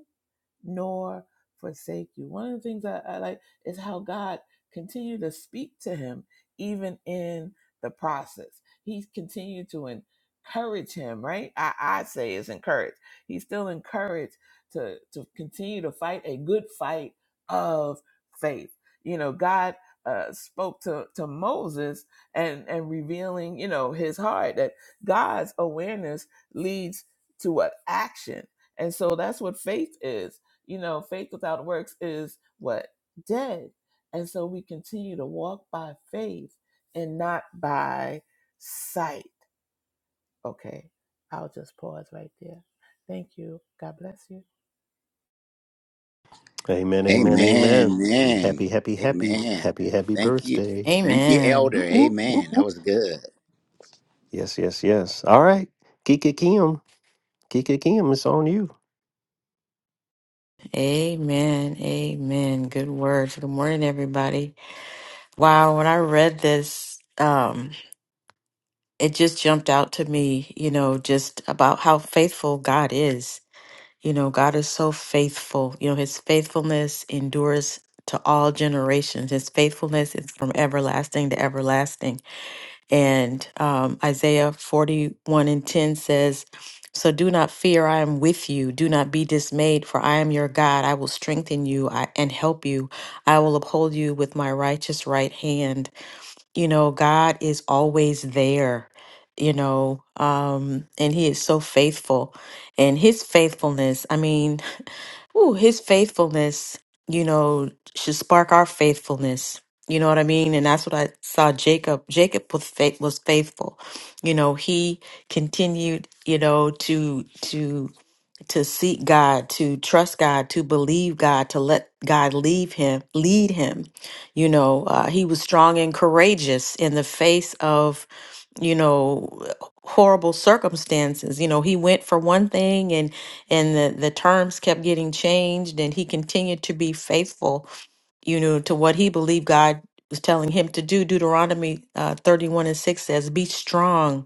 [SPEAKER 9] nor forsake you. One of the things I, I like is how God continued to speak to him even in the process. He's continued to encourage him, right? I, I say is encouraged. He's still encouraged to to continue to fight a good fight of faith. You know, God uh, spoke to, to Moses and and revealing, you know, his heart that God's awareness leads to what action. And so that's what faith is. You know, faith without works is what? Dead. And so we continue to walk by faith and not by sight. Okay, I'll just pause right there. Thank you. God bless you.
[SPEAKER 1] Amen, amen,
[SPEAKER 2] Amen.
[SPEAKER 1] amen.
[SPEAKER 2] Amen.
[SPEAKER 1] Happy, happy, happy,
[SPEAKER 2] Amen.
[SPEAKER 1] happy, happy
[SPEAKER 2] Thank you.
[SPEAKER 1] birthday.
[SPEAKER 2] Thank you,
[SPEAKER 6] Amen.
[SPEAKER 2] Elder.
[SPEAKER 1] Ooh, ooh, ooh,
[SPEAKER 2] Amen.
[SPEAKER 1] ooh.
[SPEAKER 2] That was good.
[SPEAKER 1] Yes, yes, yes. All right. Kika Kim. Kika Kim, it's on you.
[SPEAKER 6] Amen. Amen. Good words. Good morning, everybody. Wow, when I read this, um, it just jumped out to me, you know, just about how faithful God is. You know, God is so faithful. You know, his faithfulness endures to all generations. His faithfulness is from everlasting to everlasting And um, Isaiah 41 and 10 says, So do not fear, I am with you. Do not be dismayed, for I am your God. I will strengthen you I- and help you. I will uphold you with my righteous right hand. You know, God is always there, you know, um, and He is so faithful. And His faithfulness, I mean, Ooh, his faithfulness, you know, should spark our faithfulness. You know what I mean? And that's what I saw Jacob. Jacob was faith was faithful. You know, he continued, you know, to to to seek God, to trust God, to believe God, to let God leave him, lead him. You know, uh, he was strong and courageous in the face of, you know, horrible circumstances. You know, he went for one thing and and the, the terms kept getting changed and he continued to be faithful, you know, to what he believed God was telling him to do. Deuteronomy uh, 31 and 6 says, Be strong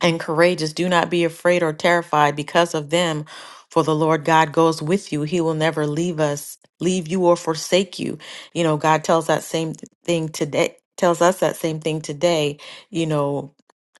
[SPEAKER 6] and courageous. Do not be afraid or terrified because of them, for the Lord God goes with you. He will never leave us, leave you or forsake you. You know, God tells that same thing today, tells us that same thing today. You know,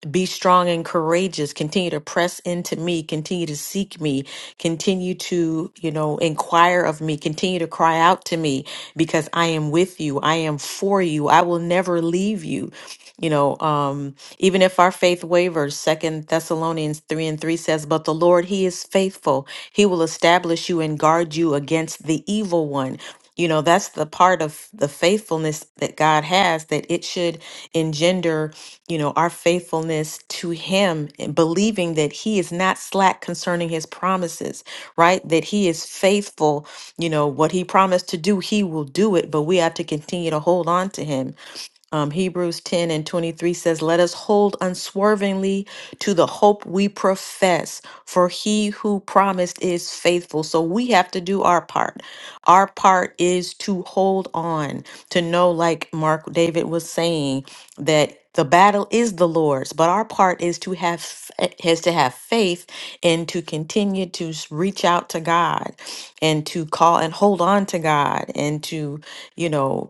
[SPEAKER 6] be strong and courageous. Continue to press into me. Continue to seek me. Continue to, you know, inquire of me. Continue to cry out to me because I am with you. I am for you. I will never leave you. You know, um, even if our faith wavers, Second Thessalonians 3 and 3 says, But the Lord, He is faithful. He will establish you and guard you against the evil one. You know, that's the part of the faithfulness that God has, that it should engender, you know, our faithfulness to Him and believing that He is not slack concerning His promises, right? That He is faithful. You know, what He promised to do, He will do it, but we have to continue to hold on to Him. Um, Hebrews 10 and 23 says, Let us hold unswervingly to the hope we profess, for he who promised is faithful. So we have to do our part. Our part is to hold on, to know, like Mark David was saying, that the battle is the Lord's, but our part is to have f- is to have faith and to continue to s- reach out to God and to call and hold on to God and to, you know,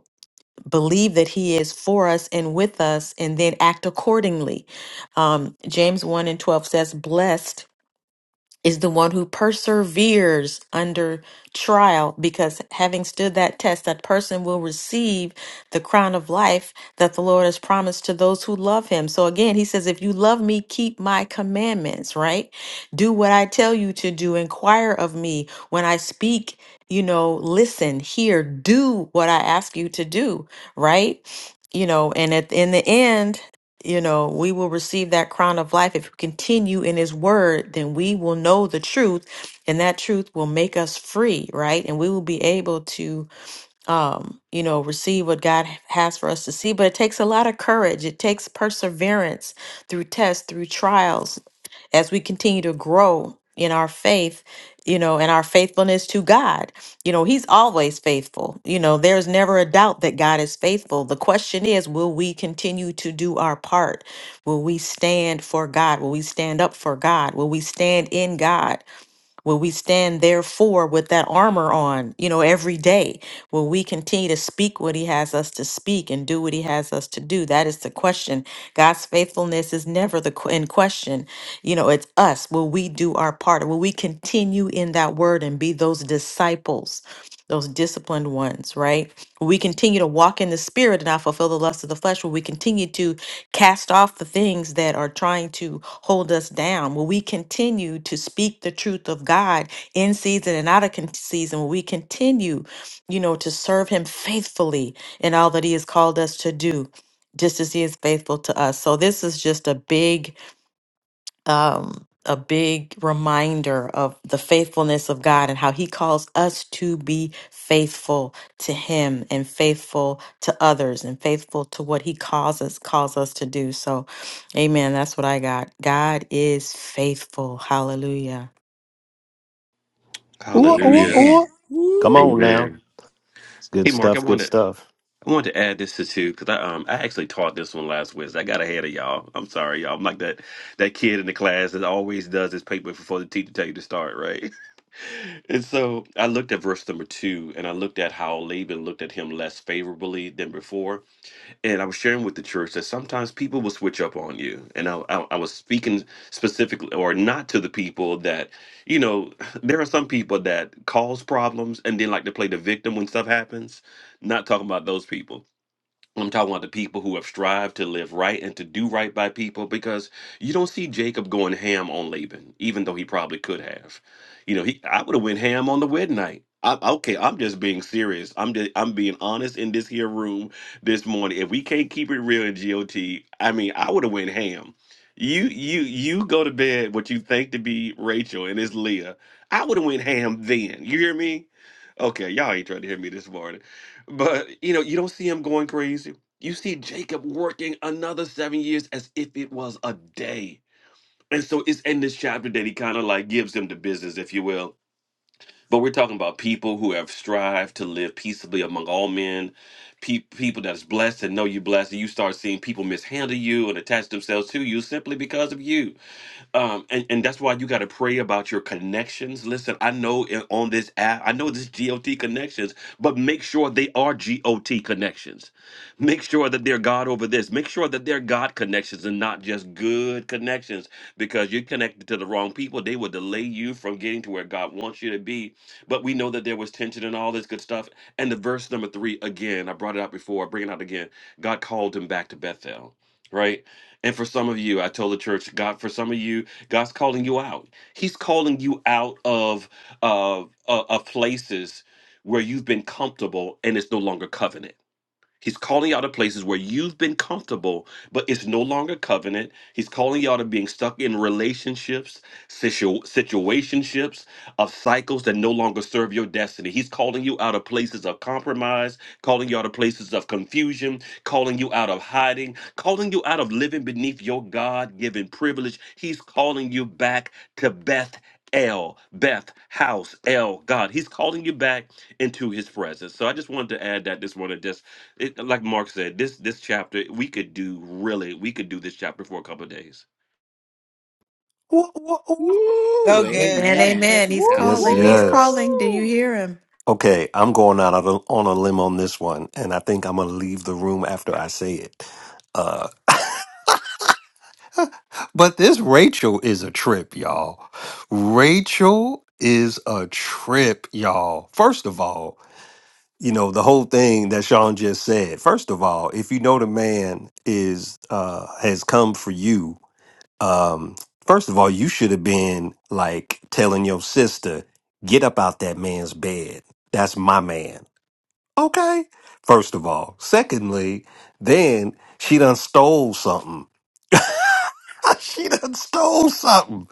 [SPEAKER 6] believe that he is for us and with us and then act accordingly um, james 1 and 12 says blessed is the one who perseveres under trial because having stood that test that person will receive the crown of life that the Lord has promised to those who love him. So again, he says if you love me, keep my commandments, right? Do what I tell you to do, inquire of me when I speak, you know, listen, hear, do what I ask you to do, right? You know, and at in the end you know, we will receive that crown of life. If we continue in his word, then we will know the truth, and that truth will make us free, right? And we will be able to um, you know, receive what God h- has for us to see. But it takes a lot of courage. It takes perseverance through tests, through trials, as we continue to grow in our faith, you know, and our faithfulness to God. You know, He's always faithful. You know, there's never a doubt that God is faithful. The question is, will we continue to do our part? Will we stand for God? Will we stand up for God? Will we stand in God? Will we stand therefore with that armor on, you know, every day? Will we continue to speak what he has us to speak and do what he has us to do? That is the question. God's faithfulness is never the qu- in question. You know, it's us. Will we do our part? Will we continue in that word and be those disciples? Those disciplined ones, right? Will we continue to walk in the spirit and not fulfill the lust of the flesh? Will we continue to cast off the things that are trying to hold us down. Will we continue to speak the truth of God in season and out of con- season? Will we continue, you know, to serve Him faithfully in all that He has called us to do, just as He is faithful to us? So this is just a big um, a big reminder of the faithfulness of God and how He calls us to be faithful to Him and faithful to others and faithful to what He calls us calls us to do. So, Amen. That's what I got. God is faithful. Hallelujah.
[SPEAKER 1] Ooh, ooh,
[SPEAKER 3] Hallelujah.
[SPEAKER 2] Amen.
[SPEAKER 1] ooh. Come on
[SPEAKER 2] Woo.
[SPEAKER 1] now.
[SPEAKER 3] Amen.
[SPEAKER 1] It's good
[SPEAKER 3] Hey, Mark, I
[SPEAKER 1] stuff,
[SPEAKER 3] want
[SPEAKER 1] good
[SPEAKER 3] to.
[SPEAKER 1] stuff.
[SPEAKER 3] I wanted to add this to too because I um I actually taught this one last Wednesday. I got ahead of y'all. I'm sorry, y'all. I'm like that that kid in the class that always does his paper before the teacher tell you to start, right? And so I looked at verse number two, and I looked at how Laban looked at him less favorably than before. And I was sharing with the church that sometimes people will switch up on you. And I I, I was speaking specifically or not to the people that you know there are some people that cause problems and then like to play the victim when stuff happens. Not talking about those people I'm talking about the people who have strived to live right and to do right by people because you don't see Jacob going ham on Laban, even though he probably could have. You know, he I would have went ham on the wedding night. I, okay, I'm just being serious. I'm just I'm being honest in this here room this morning. If we can't keep it real in GOT, I mean, I would have went ham. You you you go to bed what you think to be Rachel and it's Leah. I would have went ham then. You hear me? Okay, y'all ain't trying to hear me this morning. But you know, you don't see him going crazy. You see Jacob working another seven years as if it was a day. And so it's in this chapter that he kind of like gives them the business, if you will. But we're talking about people who have strived to live peaceably among all men, pe- people that's blessed and know you're blessed, and you start seeing people mishandle you and attach themselves to you simply because of you um and, and that's why you got to pray about your connections listen i know in- on this app i know this got connections but make sure they are got connections make sure that they're god over this make sure that they're god connections and not just good connections because you're connected to the wrong people they will delay you from getting to where god wants you to be but we know that there was tension and all this good stuff and the verse number three again i brought it out before i bring it out again god called him back to bethel right and for some of you, I told the church, God, for some of you, God's calling you out. He's calling you out of uh, uh, of places where you've been comfortable and it's no longer covenant. He's calling you out of places where you've been comfortable, but it's no longer covenant. He's calling you out of being stuck in relationships, situ- situationships, of cycles that no longer serve your destiny. He's calling you out of places of compromise, calling you out of places of confusion, calling you out of hiding, calling you out of living beneath your God given privilege. He's calling you back to Beth. El, Beth, house, El, God. He's calling you back into his presence. So I just wanted to add that this morning, just it, like Mark said, this this chapter we could do really we could do this chapter for a couple of days.
[SPEAKER 1] Ooh, ooh, ooh.
[SPEAKER 4] So
[SPEAKER 2] Woo.
[SPEAKER 4] good.
[SPEAKER 6] Amen,
[SPEAKER 4] So good.
[SPEAKER 2] Amen.
[SPEAKER 6] amen. He's
[SPEAKER 8] woo,
[SPEAKER 1] Yes,
[SPEAKER 6] calling. He's
[SPEAKER 2] Hallelujah.
[SPEAKER 1] yes.
[SPEAKER 6] calling. Do you
[SPEAKER 8] woo, woo.
[SPEAKER 6] hear him?
[SPEAKER 1] Okay, I'm going out on a on a limb on this one, and I think I'm going to leave the room after I say it. Uh, But this Rachel is a trip, y'all. Rachel is a trip, y'all. First of all, you know, the whole thing that Sean just said. First of all, if you know the man is uh has come for you, um, first of all, you should have been like telling your sister, get up out that man's bed. That's my man. Okay. First of all. Secondly, then she done stole something. she done stole something.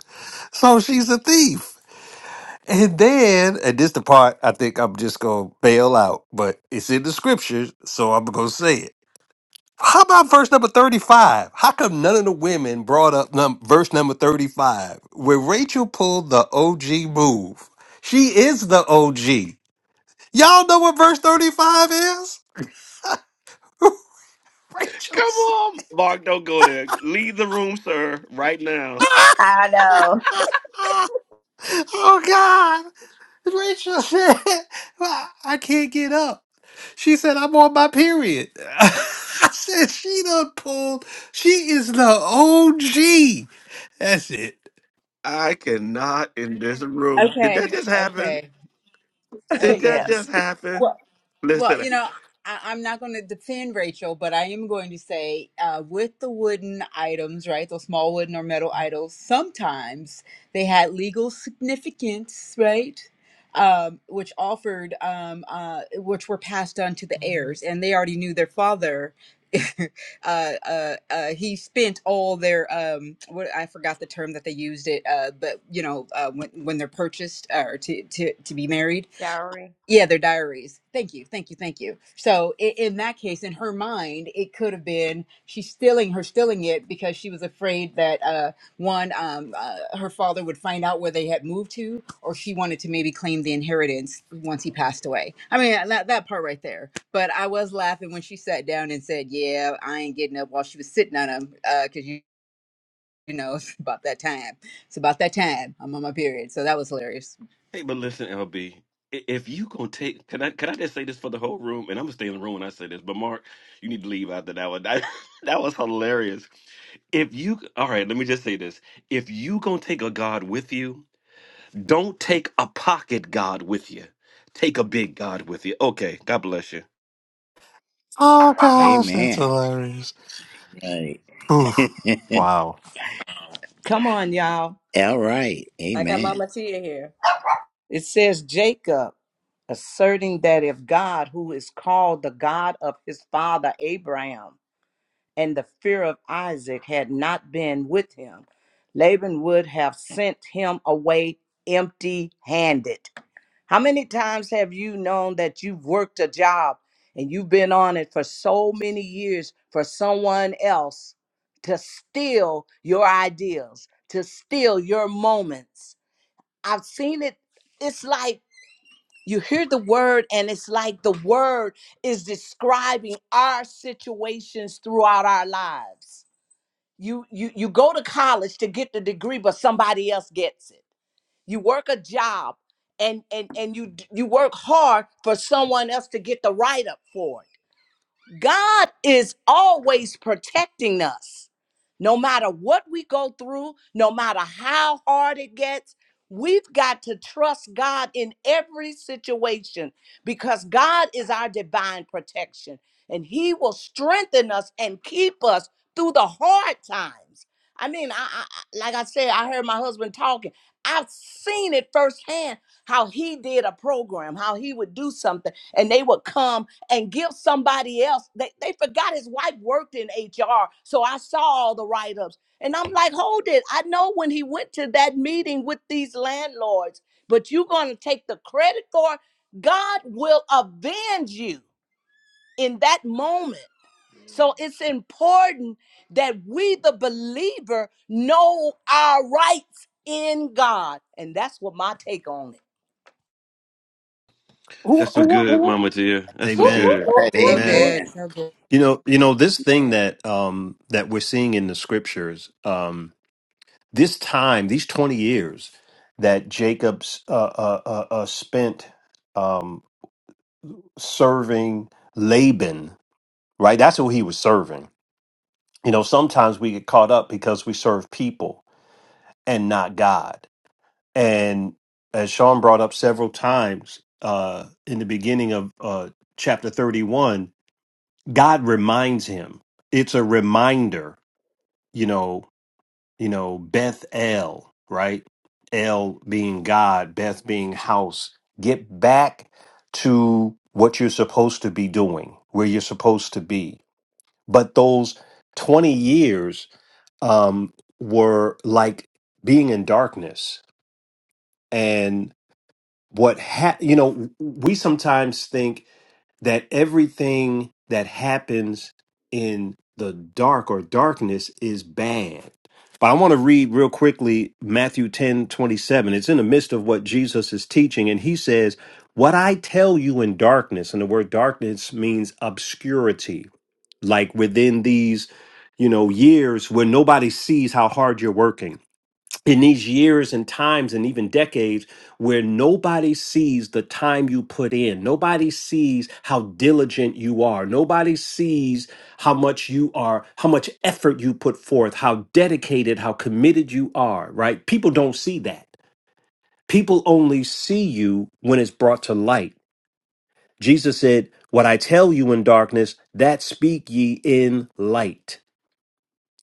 [SPEAKER 1] So she's a thief. And then, and this the part I think I'm just gonna bail out, but it's in the scriptures, so I'm gonna say it. How about verse number 35? How come none of the women brought up num- verse number 35 where Rachel pulled the OG move? She is the OG. Y'all know what verse 35 is? Rachel
[SPEAKER 3] Come
[SPEAKER 1] said,
[SPEAKER 3] on, Mark, don't go there. Leave the room, sir, right now.
[SPEAKER 1] Oh Rachel said, "Well, I can't get up. She said, I'm on my period. I said, she done pulled. She is the OG. That's it.
[SPEAKER 3] I cannot in this room. Did
[SPEAKER 4] Okay.
[SPEAKER 3] that just happen?
[SPEAKER 4] Okay.
[SPEAKER 3] Did
[SPEAKER 4] Okay.
[SPEAKER 3] that just
[SPEAKER 8] yes.
[SPEAKER 3] happen?
[SPEAKER 4] Well, you
[SPEAKER 3] Listen,
[SPEAKER 4] know, I, I'm not going to defend Rachel, but I am going to say uh, with the wooden items, right, those small wooden or metal idols, sometimes they had legal significance, right? Um, which offered, um, uh, which were passed on to the heirs, and they already knew their father. uh, uh, uh, he spent all their um, what I forgot the term that they used it, uh, but you know, uh, when when they're purchased uh, or to to to be married yeah, their diaries. Thank you, thank you, thank you. So in, in that case, in her mind, it could have been she's stealing her stealing it because she was afraid that uh, one, um, uh, her father would find out where they had moved to, or she wanted to maybe claim the inheritance once he passed away. I mean, uh, that, that part right there. But I was laughing when she sat down and said, "Yeah, I ain't getting up," while she was sitting on him because you. You know, it's about that time. It's about that time. I'm on my period. So that was hilarious.
[SPEAKER 3] Hey, but listen, LB, if you gonna take, can I can I just say this for the whole room? And I'm gonna stay in the room when I say this. But Mark, you need to leave after that one. That, that was hilarious. If you, all right, let me just say this: if you gonna take a God with you. Don't take a pocket God with you. Take a big God with you. Okay, God bless you.
[SPEAKER 1] Oh, gosh, that's
[SPEAKER 2] Amen.
[SPEAKER 1] hilarious.
[SPEAKER 2] Right.
[SPEAKER 1] Oof. Wow.
[SPEAKER 8] Come on, y'all.
[SPEAKER 2] All right.
[SPEAKER 8] I got
[SPEAKER 2] Amen.
[SPEAKER 8] Mama Tia here. It says Jacob asserting that if God, who is called the God of his father Abraham, and the fear of Isaac had not been with him, Laban would have sent him away empty handed. How many times have you known that you've worked a job and you've been on it for so many years for someone else to steal your ideas, to steal your moments? I've seen it. It's like you hear the word, and it's like the word is describing our situations throughout our lives. You you you go to college to get the degree, but somebody else gets it you work a job and and and you d- you work hard for someone else to get the write up for it God is always protecting us. No matter what we go through, no matter how hard it gets, we've got to trust God in every situation because God is our divine protection and He will strengthen us and keep us through the hard times. I mean, I, I I- like I said, I heard my husband talking. I've seen it firsthand how he did a program, how he would do something, and they would come and give somebody else. They, they forgot his wife worked in HR. So I saw all the write ups. And I'm like, hold it. I know when he went to that meeting with these landlords, but you're going to take the credit for it. God will avenge you in that moment. So it's important that we, the believer, know our rights in God. And that's what my take on it.
[SPEAKER 3] That's so
[SPEAKER 1] Wha-
[SPEAKER 3] good,
[SPEAKER 1] wha-
[SPEAKER 3] Mama dear. That's so
[SPEAKER 1] Amen.
[SPEAKER 2] All
[SPEAKER 3] good.
[SPEAKER 2] right.
[SPEAKER 4] So
[SPEAKER 1] Amen.
[SPEAKER 4] good.
[SPEAKER 2] Amen.
[SPEAKER 4] So good.
[SPEAKER 1] You know, you know this thing
[SPEAKER 5] Amen.
[SPEAKER 1] that um that we're seeing in the scriptures, um this time, these 20 years that Jacob's uh uh, uh, uh spent um, serving Laban, right? That's who he was serving. You know, sometimes we get caught up because we serve people and not God. And as Sean brought up several times uh, in the beginning of uh, chapter 31, God reminds him. It's a reminder, you know, you know, Beth El, right? El being God, Beth being house. Get back to what you're supposed to be doing, where you're supposed to be but those 20 years um, were like being in darkness and what ha- you know we sometimes think that everything that happens in the dark or darkness is bad. But I want to read real quickly Matthew 10 27. It's in the midst of what Jesus is teaching, and he says, What I tell you in darkness, and the word darkness means obscurity, like within these, you know, years where nobody sees how hard you're working in these years and times and even decades where nobody sees the time you put in nobody sees how diligent you are nobody sees how much you are how much effort you put forth how dedicated how committed you are right people don't see that people only see you when it's brought to light jesus said what i tell you in darkness that speak ye in light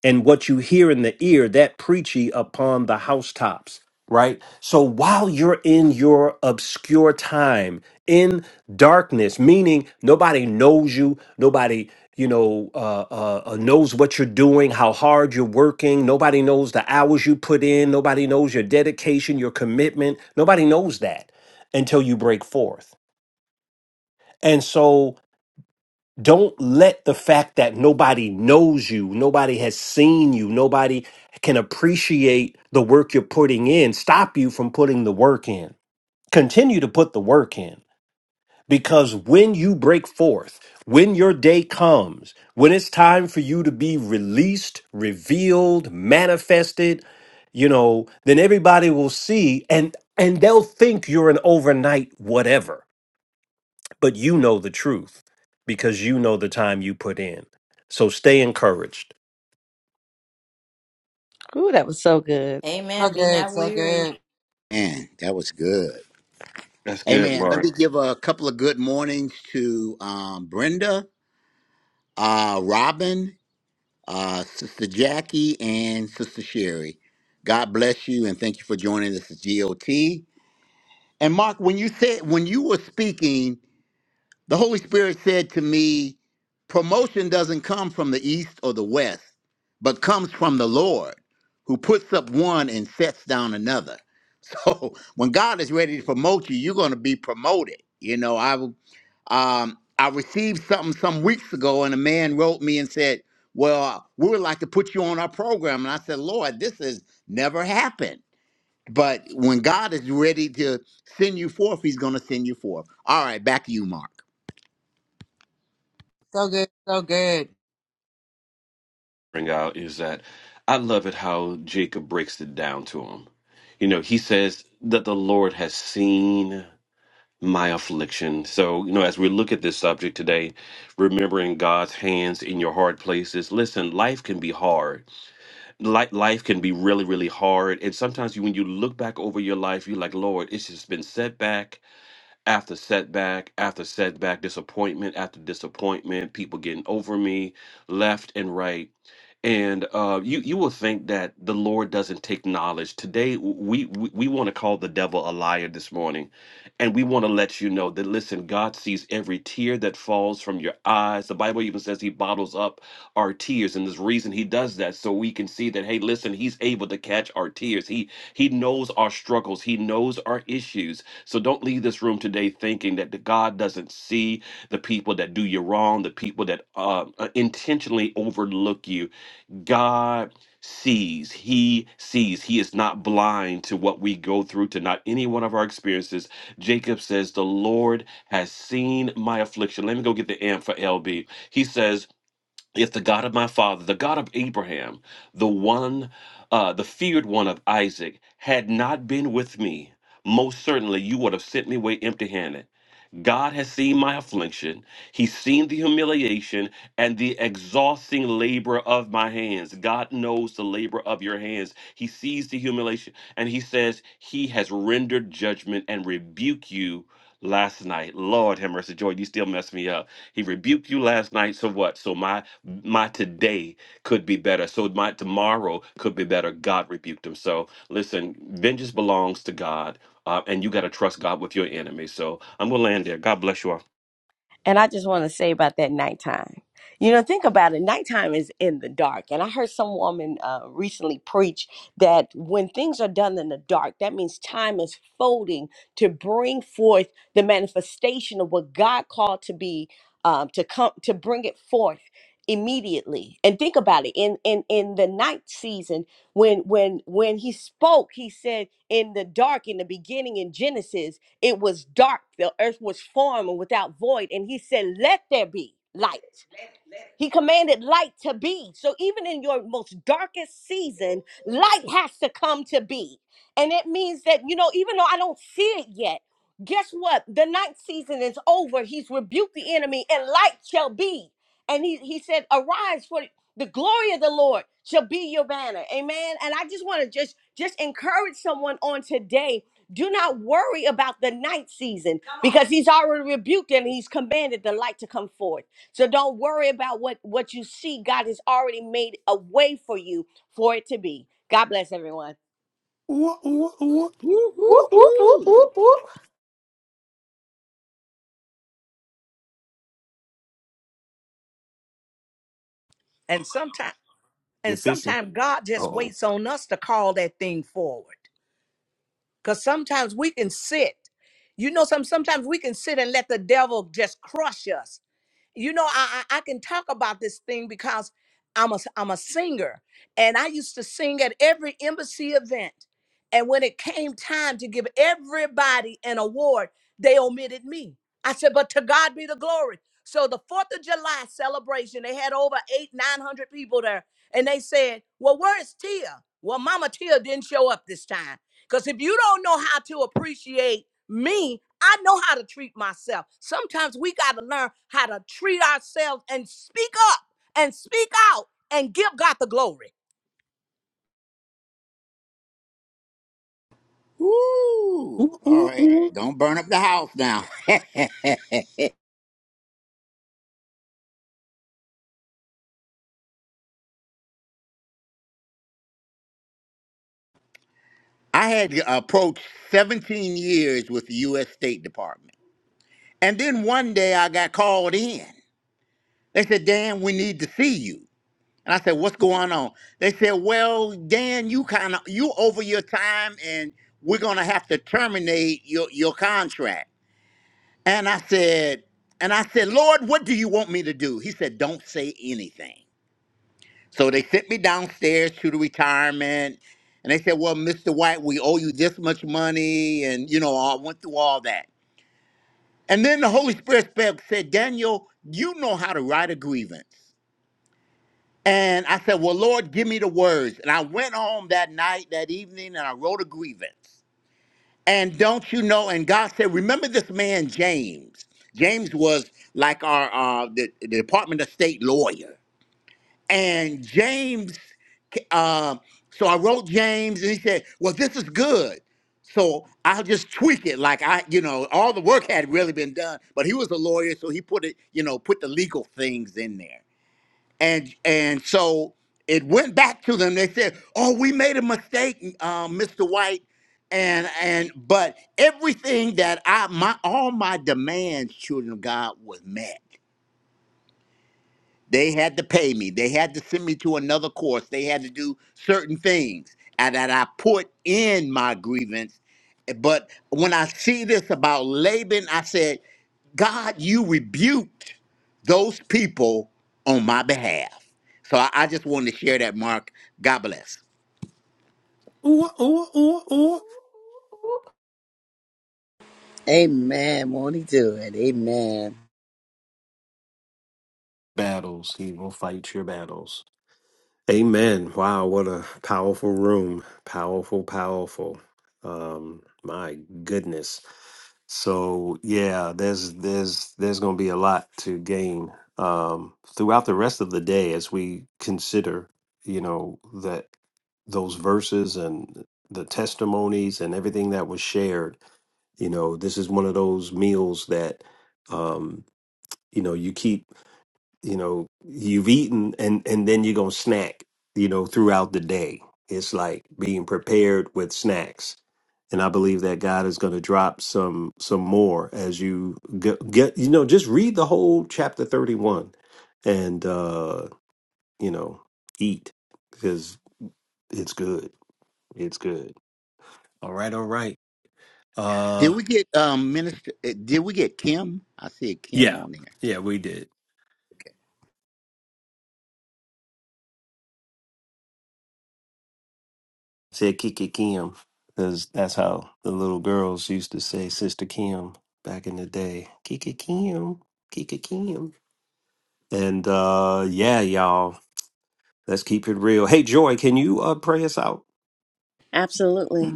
[SPEAKER 1] and what you hear in the ear, that preachy upon the housetops, right? So while you're in your obscure time, in darkness, meaning nobody knows you, nobody you know uh, uh, uh, knows what you're doing, how hard you're working. Nobody knows the hours you put in. Nobody knows your dedication, your commitment. Nobody knows that until you break forth. And so don't let the fact that nobody knows you, nobody has seen you, nobody can appreciate the work you're putting in stop you from putting the work in. Continue to put the work in because when you break forth, when your day comes, when it's time for you to be released, revealed, manifested, you know, then everybody will see and and they'll think you're an overnight whatever but you know the truth because you know the time you put in. So stay encouraged.
[SPEAKER 8] Ooh, that was so good.
[SPEAKER 4] So
[SPEAKER 6] Amen. Be
[SPEAKER 4] good.
[SPEAKER 6] not
[SPEAKER 4] So
[SPEAKER 6] weary.
[SPEAKER 4] good.
[SPEAKER 2] Man, that was good.
[SPEAKER 3] That's good,
[SPEAKER 2] Amen. Let
[SPEAKER 3] Mark.
[SPEAKER 2] me give a couple of good mornings to um, Brenda, uh, Robin. uh, Sister Jackie and Sister Sherry. God bless you and thank you for joining us at GOT. And Mark, when you said when you were speaking, the Holy Spirit said to me, promotion doesn't come from the east or the west, but comes from the Lord, who puts up one and sets down another. So when God is ready to promote you, you're going to be promoted. You know, I um, I received something some weeks ago, and a man wrote me and said, "Well, we would like to put you on our program." And I said, "Lord, this has never happened." But when God is ready to send you forth, He's going to send you forth. All right, back to you, Mark.
[SPEAKER 4] So good. So good.
[SPEAKER 3] Bring out is that I love it how Jacob breaks it down to him. You know, he says that the Lord has seen my affliction. So, you know, as we look at this subject today, remembering God's hands in your hard places, listen, life can be hard life life can be really really hard and sometimes you, when you look back over your life you're like lord it's just been setback after setback after setback disappointment after disappointment people getting over me left and right and uh, you you will think that the lord doesn't take knowledge today w- we we, we want to call the devil a liar this morning and we want to let you know that listen god sees every tear that falls from your eyes the bible even says he bottles up our tears and there's reason he does that so we can see that hey listen he's able to catch our tears he he knows our struggles he knows our issues so don't leave this room today thinking that the god doesn't see the people that do you wrong the people that uh, uh, intentionally overlook you god sees he sees he is not blind to what we go through to not any one of our experiences jacob says the lord has seen my affliction let me go get the amp for lb he says if the God of my father, the God of Abraham, the one, uh, the feared one of Isaac, had not been with me, most certainly you would have sent me away empty handed. God has seen my affliction. He's seen the humiliation and the exhausting labor of my hands. God knows the labor of your hands. He sees the humiliation and he says, He has rendered judgment and rebuked you last night. Lord have mercy, Joy, you still mess me up. He rebuked you last night. So what? So my my today could be better. So my tomorrow could be better. God rebuked him. So listen, vengeance belongs to God uh, and you got to trust God with your enemy. So I'm gonna land there. God bless you all.
[SPEAKER 8] And I just want to say about that nighttime. You know, think about it. Nighttime is in the dark. And I heard some woman uh, recently preach that when things are done in the dark, that means time is folding to bring forth the manifestation of what God called to be, um, to come, to bring it forth immediately. And think about it. In in in the night season, when when when he spoke, he said, "In the dark, in the beginning, in Genesis." It was dark, the earth was formed and without void, and he said, Let there be light. He commanded light to be. So even in your most darkest season, light has to come to be. And it means that, you know, even though I don't see it yet, guess what? The night season is over. He's rebuked the enemy, and light shall be. And he, he said, Arise, for the glory of the Lord shall be your banner. Amen. And I just want to just just encourage someone on today. Do not worry about the night season because he's already rebuked and he's commanded the light to come forth. So don't worry about what what you see. God has already made a way for you for it to be. God bless everyone.
[SPEAKER 1] Ooh, ooh, ooh.
[SPEAKER 6] Whoop, whoop, whoop, whoop, whoop.
[SPEAKER 8] And sometimes
[SPEAKER 1] You're
[SPEAKER 8] and
[SPEAKER 1] fishing.
[SPEAKER 8] sometimes God
[SPEAKER 1] Uh
[SPEAKER 8] just
[SPEAKER 1] oh.
[SPEAKER 8] waits on us to call that thing forward. Because sometimes we can sit. You know, some sometimes we can sit and let the devil just crush us. you know I, I I can talk about this thing because i'm a a i'm a singer and i used to sing at every embassy event and when it came time to give everybody an award they omitted me i said but to god be the glory so the fourth of july celebration they had over eight nine hundred people there and they said well where's tia well mama tia didn't show up this time because if you don't know how to appreciate me I know how to treat myself. Sometimes we got to learn how to treat ourselves and speak up and speak out and give God the glory.
[SPEAKER 2] Woo!
[SPEAKER 1] Ooh,
[SPEAKER 2] All
[SPEAKER 1] ooh,
[SPEAKER 2] right,
[SPEAKER 1] ooh,
[SPEAKER 2] don't burn up the house now. I had approached 17 years with the U.S. State Department, and then one day I got called in. They said, "Dan, we need to see you." And I said, "What's going on?" They said, "Well, Dan, you kind of you over your time, and we're gonna have to terminate your your contract." And I said, "And I said, Lord, what do you want me to do?" He said, "Don't say anything." So they sent me downstairs to the retirement, and they said, "Well, Mr. White, we owe you this much money," and you know, I went through all that. And then the Holy Spirit spoke, said, "Daniel, you know how to write a grievance." And I said, Well, Lord, give me the words. And I went home that night, that evening, and I wrote a grievance. And don't you know? And God said, Remember this man, James. James was like our uh, the, the Department of State lawyer. And James, um, so I wrote James, and he said, Well, this is good. So I'll just tweak it. Like I, you know, all the work had really been done, but he was a lawyer, so he put it, you know, put the legal things in there and and so it went back to them. They said, "Oh, we made a mistake, uh, Mr. White." And and but everything that I my all my demands, children of God, was met. They had to pay me. They had to send me to another course. They had to do certain things. And that I put in my grievance. But when I see this about Laban, I said, God, you rebuked those people on my behalf. So I, I just wanted to share that, Mark. God bless.
[SPEAKER 1] ooh, ooh, ooh, ooh.
[SPEAKER 5] Amen. Won't he do it? Amen.
[SPEAKER 1] Battles. He will fight your battles. Amen. Wow, what a powerful room. Powerful, powerful. Um, my goodness. So yeah, there's there's there's gonna be a lot to gain um throughout the rest of the day as we consider, you know, that those verses and the testimonies and everything that was shared. You know, this is one of those meals that um, you know, you keep you know you've eaten and and then you're gonna snack you know throughout the day it's like being prepared with snacks and i believe that god is going to drop some some more as you get, get you know just read the whole chapter 31 and uh you know eat because it's good it's good all right all right
[SPEAKER 2] Did
[SPEAKER 1] uh
[SPEAKER 2] we get um minister uh, did we get Kim? I see Kim
[SPEAKER 1] yeah
[SPEAKER 2] on there.
[SPEAKER 1] yeah we did Said Kiki Kim, because that's how the little girls used to say Sister Kim back in the day. Kiki Kim, Kiki Kim. And uh, yeah, y'all, let's keep it real. Hey, Joy, can you uh, pray us out?
[SPEAKER 8] Absolutely.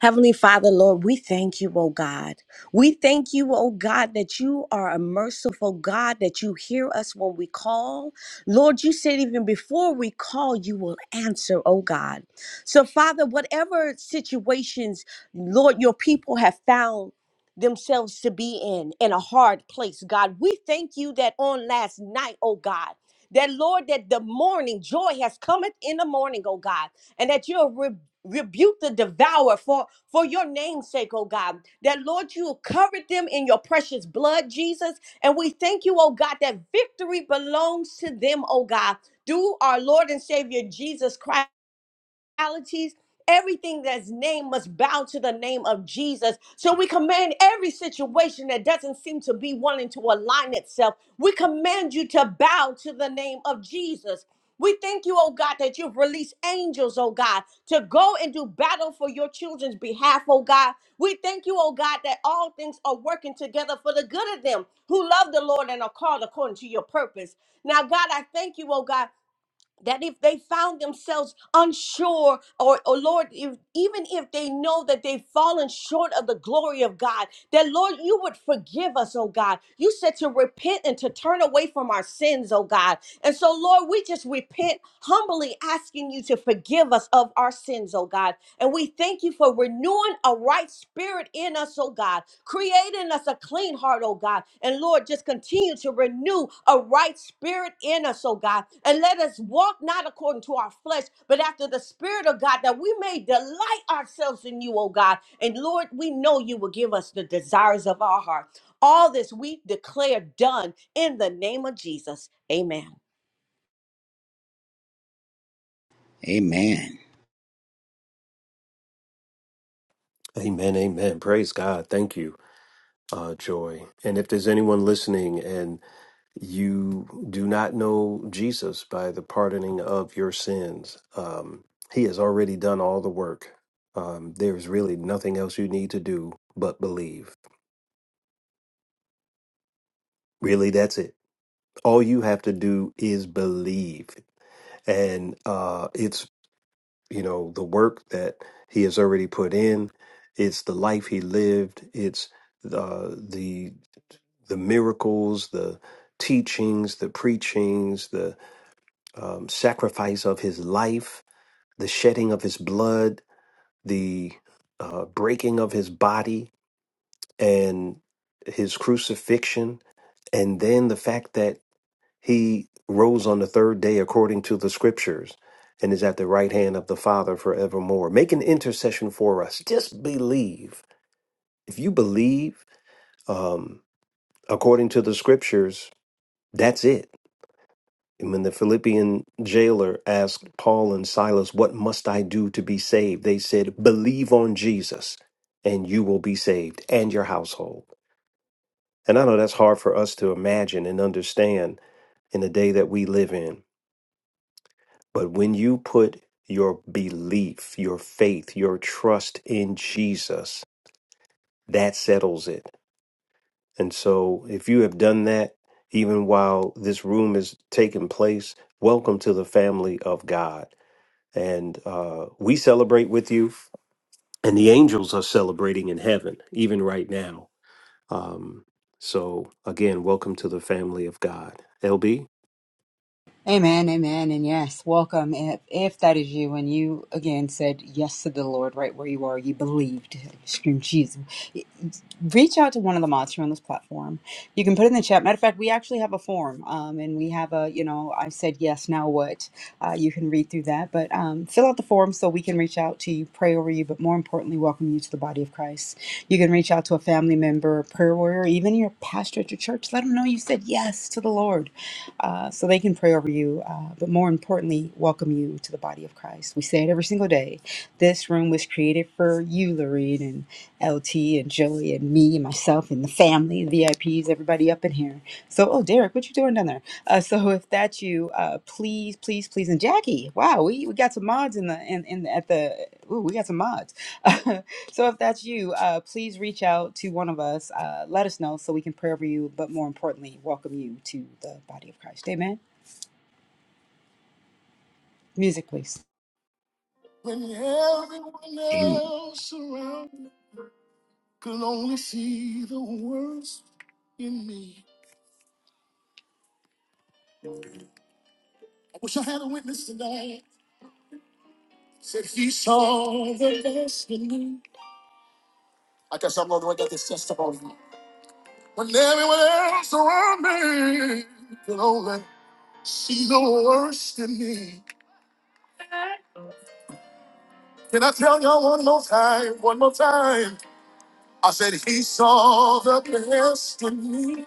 [SPEAKER 8] Heavenly Father, Lord, we thank you, oh God. We thank you, oh God, that you are a merciful God, that you hear us when we call. Lord, you said even before we call, you will answer, oh God. So, Father, whatever situations, Lord, your people have found themselves to be in, in a hard place, God, we thank you that on last night, oh God, that Lord, that the morning joy has cometh in the morning, oh God, and that you have rebuke the devourer for for your name's sake oh god that lord you covered them in your precious blood jesus and we thank you oh god that victory belongs to them oh god through our lord and savior jesus christ realities. Everything that's named must bow to the name of Jesus. So we command every situation that doesn't seem to be wanting to align itself. We command you to bow to the name of Jesus. We thank you, oh God, that you've released angels, oh God, to go and do battle for your children's behalf, oh God. We thank you, oh God, that all things are working together for the good of them who love the Lord and are called according to your purpose. Now, God, I thank you, oh God that if they found themselves unsure or, or lord if, even if they know that they've fallen short of the glory of god that lord you would forgive us oh god you said to repent and to turn away from our sins oh god and so lord we just repent humbly asking you to forgive us of our sins oh god and we thank you for renewing a right spirit in us, oh God, creating us a clean heart, oh God. And Lord, just continue to renew a right spirit in us, oh God. And let us walk not according to our flesh, but after the spirit of God, that we may delight ourselves in you, oh God. And Lord, we know you will give us the desires of our heart. All this we declare done in the name of Jesus. Amen.
[SPEAKER 2] Amen.
[SPEAKER 1] Amen, amen. Praise God. Thank you, uh, Joy. And if there's anyone listening and you do not know Jesus by the pardoning of your sins. Um, he has already done all the work. Um, there's really nothing else you need to do but believe. Really, that's it. All you have to do is believe. And uh, it's, you know, the work that he has already put in, it's the life he lived, it's uh, the the miracles, the teachings, the preachings, um, sacrifice of his life, the shedding of his blood, the uh, breaking of his body, and his crucifixion, and then the fact that he rose on the third day according to the scriptures and is at the right hand of the Father forevermore. Make an intercession for us. Just believe. If you believe um, according to the scriptures, that's it And when the Philippian jailer asked Paul and Silas, What must I do to be saved? They said, Believe on Jesus, and you will be saved, and your household. And I know that's hard for us to imagine and understand in the day that we live in. But when you put your belief, your faith, your trust in Jesus, that settles it. And so if you have done that, even while this room is taking place, welcome to the family of God and uh, we celebrate with you and the angels are celebrating in heaven even right now um, so again welcome to the family of god lb
[SPEAKER 4] Amen, amen, and yes, welcome. If, if that is you, and you again said yes to the Lord right where you are, you believed, scream Jesus. Reach out to one of the mods here on this platform. You can put it in the chat. Matter of fact, we actually have a form, um, and we have a you know I said yes, now what? Uh, you can read through that, but um, fill out the form so we can reach out to you, pray over you, but more importantly, welcome you to the body of Christ. You can reach out to a family member, prayer warrior, even your pastor at your church. Let them know you said yes to the Lord uh, so they can pray over you, uh, but more importantly, welcome you to the body of Christ. We say it every single day. This room was created for you, Lorene, and LT, and Joey, and me, and myself, and the family, the VIPs, everybody up in here. So, oh, Derek, what you doing down there? Uh, so, if that's you, uh, please, please, please, and Jackie, wow, we, we got some mods in the in, in at the. Ooh, we got some mods. So if that's you, uh, please reach out to one of us. Uh, let us know so we can pray over you, but more importantly, welcome you to the body of Christ. Amen. Music, please.
[SPEAKER 1] when everyone
[SPEAKER 2] Amen.
[SPEAKER 1] else around could only see the worst in me i wish i had a witness tonight said he saw the best in me i guess i'm going to get this testimony when everyone else around me could only see the worst in me Can I tell y'all one more time? One more time. I said he saw the best in me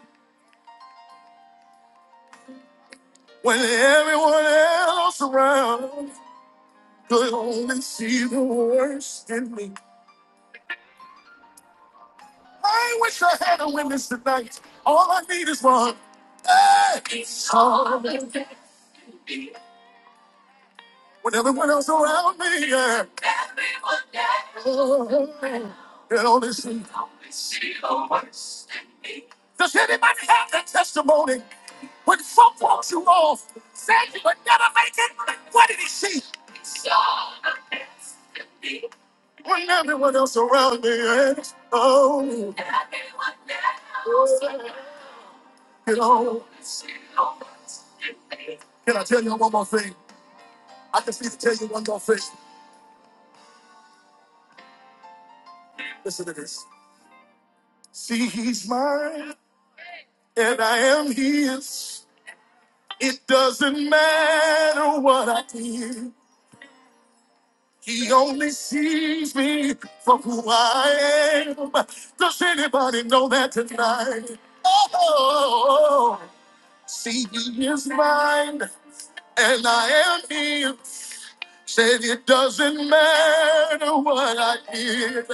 [SPEAKER 1] when everyone else around could only see the worst in me. I wish I had a witness tonight. All I need is one. Hey! He saw the best. When everyone else around me, yeah. Everyone else. Oh, could only see. Could only see the worst. Does anybody have that testimony? When folk walks you off, say you would never make it, what did he see? When everyone else around me and oh, you know. Can I tell you one more thing? I just need to tell you one more thing. Listen to this. See, he's mine, and I am his. It doesn't matter what I did. He only sees me for who I am. Does anybody know that tonight? Oh, see, he is mine and I am his. Said it doesn't matter what I did.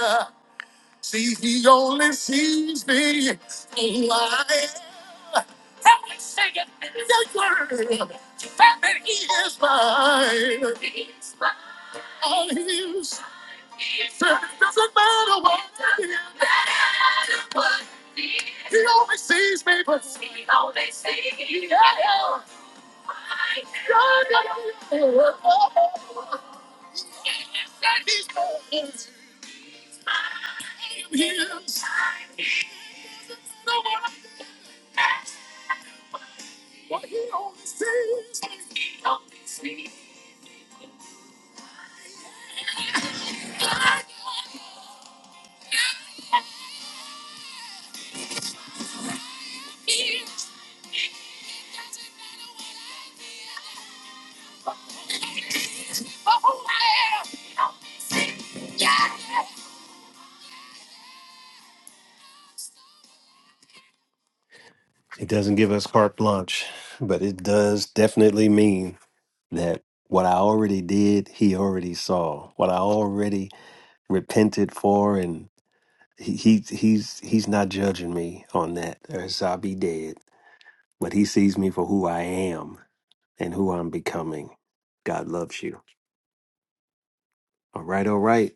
[SPEAKER 1] See, he only sees me who I am. Help me sing it in the word. That he is mine. He's mine. All he is. He's mine. It doesn't matter what it is. Doesn't Matter what he is. He only sees me, but he only sees me. Yeah. yeah. God, yeah, yeah, yeah. He said he's mine. It doesn't give us carte blanche, but it does definitely mean. that what I already did, he already saw. What I already repented for, and he, he he's he's not judging me on that, or else I'll be dead. But he sees me for who I am and who I'm becoming. God loves you. All right, all right.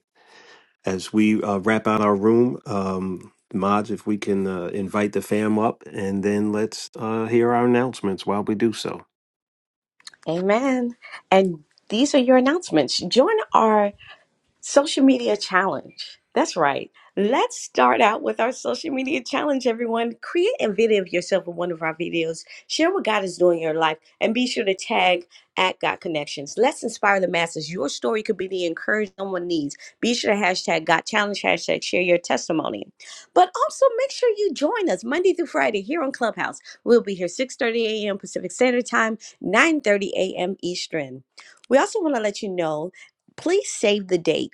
[SPEAKER 1] As we uh, wrap out our room, um, mods, if we can uh, invite the fam up, and then let's uh, hear our announcements while we do so.
[SPEAKER 8] Amen. And these are your announcements. Join our Social media challenge. That's right. Let's start out with our social media challenge, everyone. Create a video of yourself in one of our videos. Share what God is doing in your life and be sure to tag at God Connections. Let's inspire the masses. Your story could be the encouragement someone needs. Be sure to hashtag God Challenge, hashtag share your testimony. But also make sure you join us Monday through Friday here on Clubhouse. We'll be here 6.30 a.m. Pacific Standard Time, 9.30 a.m. Eastern. We also want to let you know please save the date.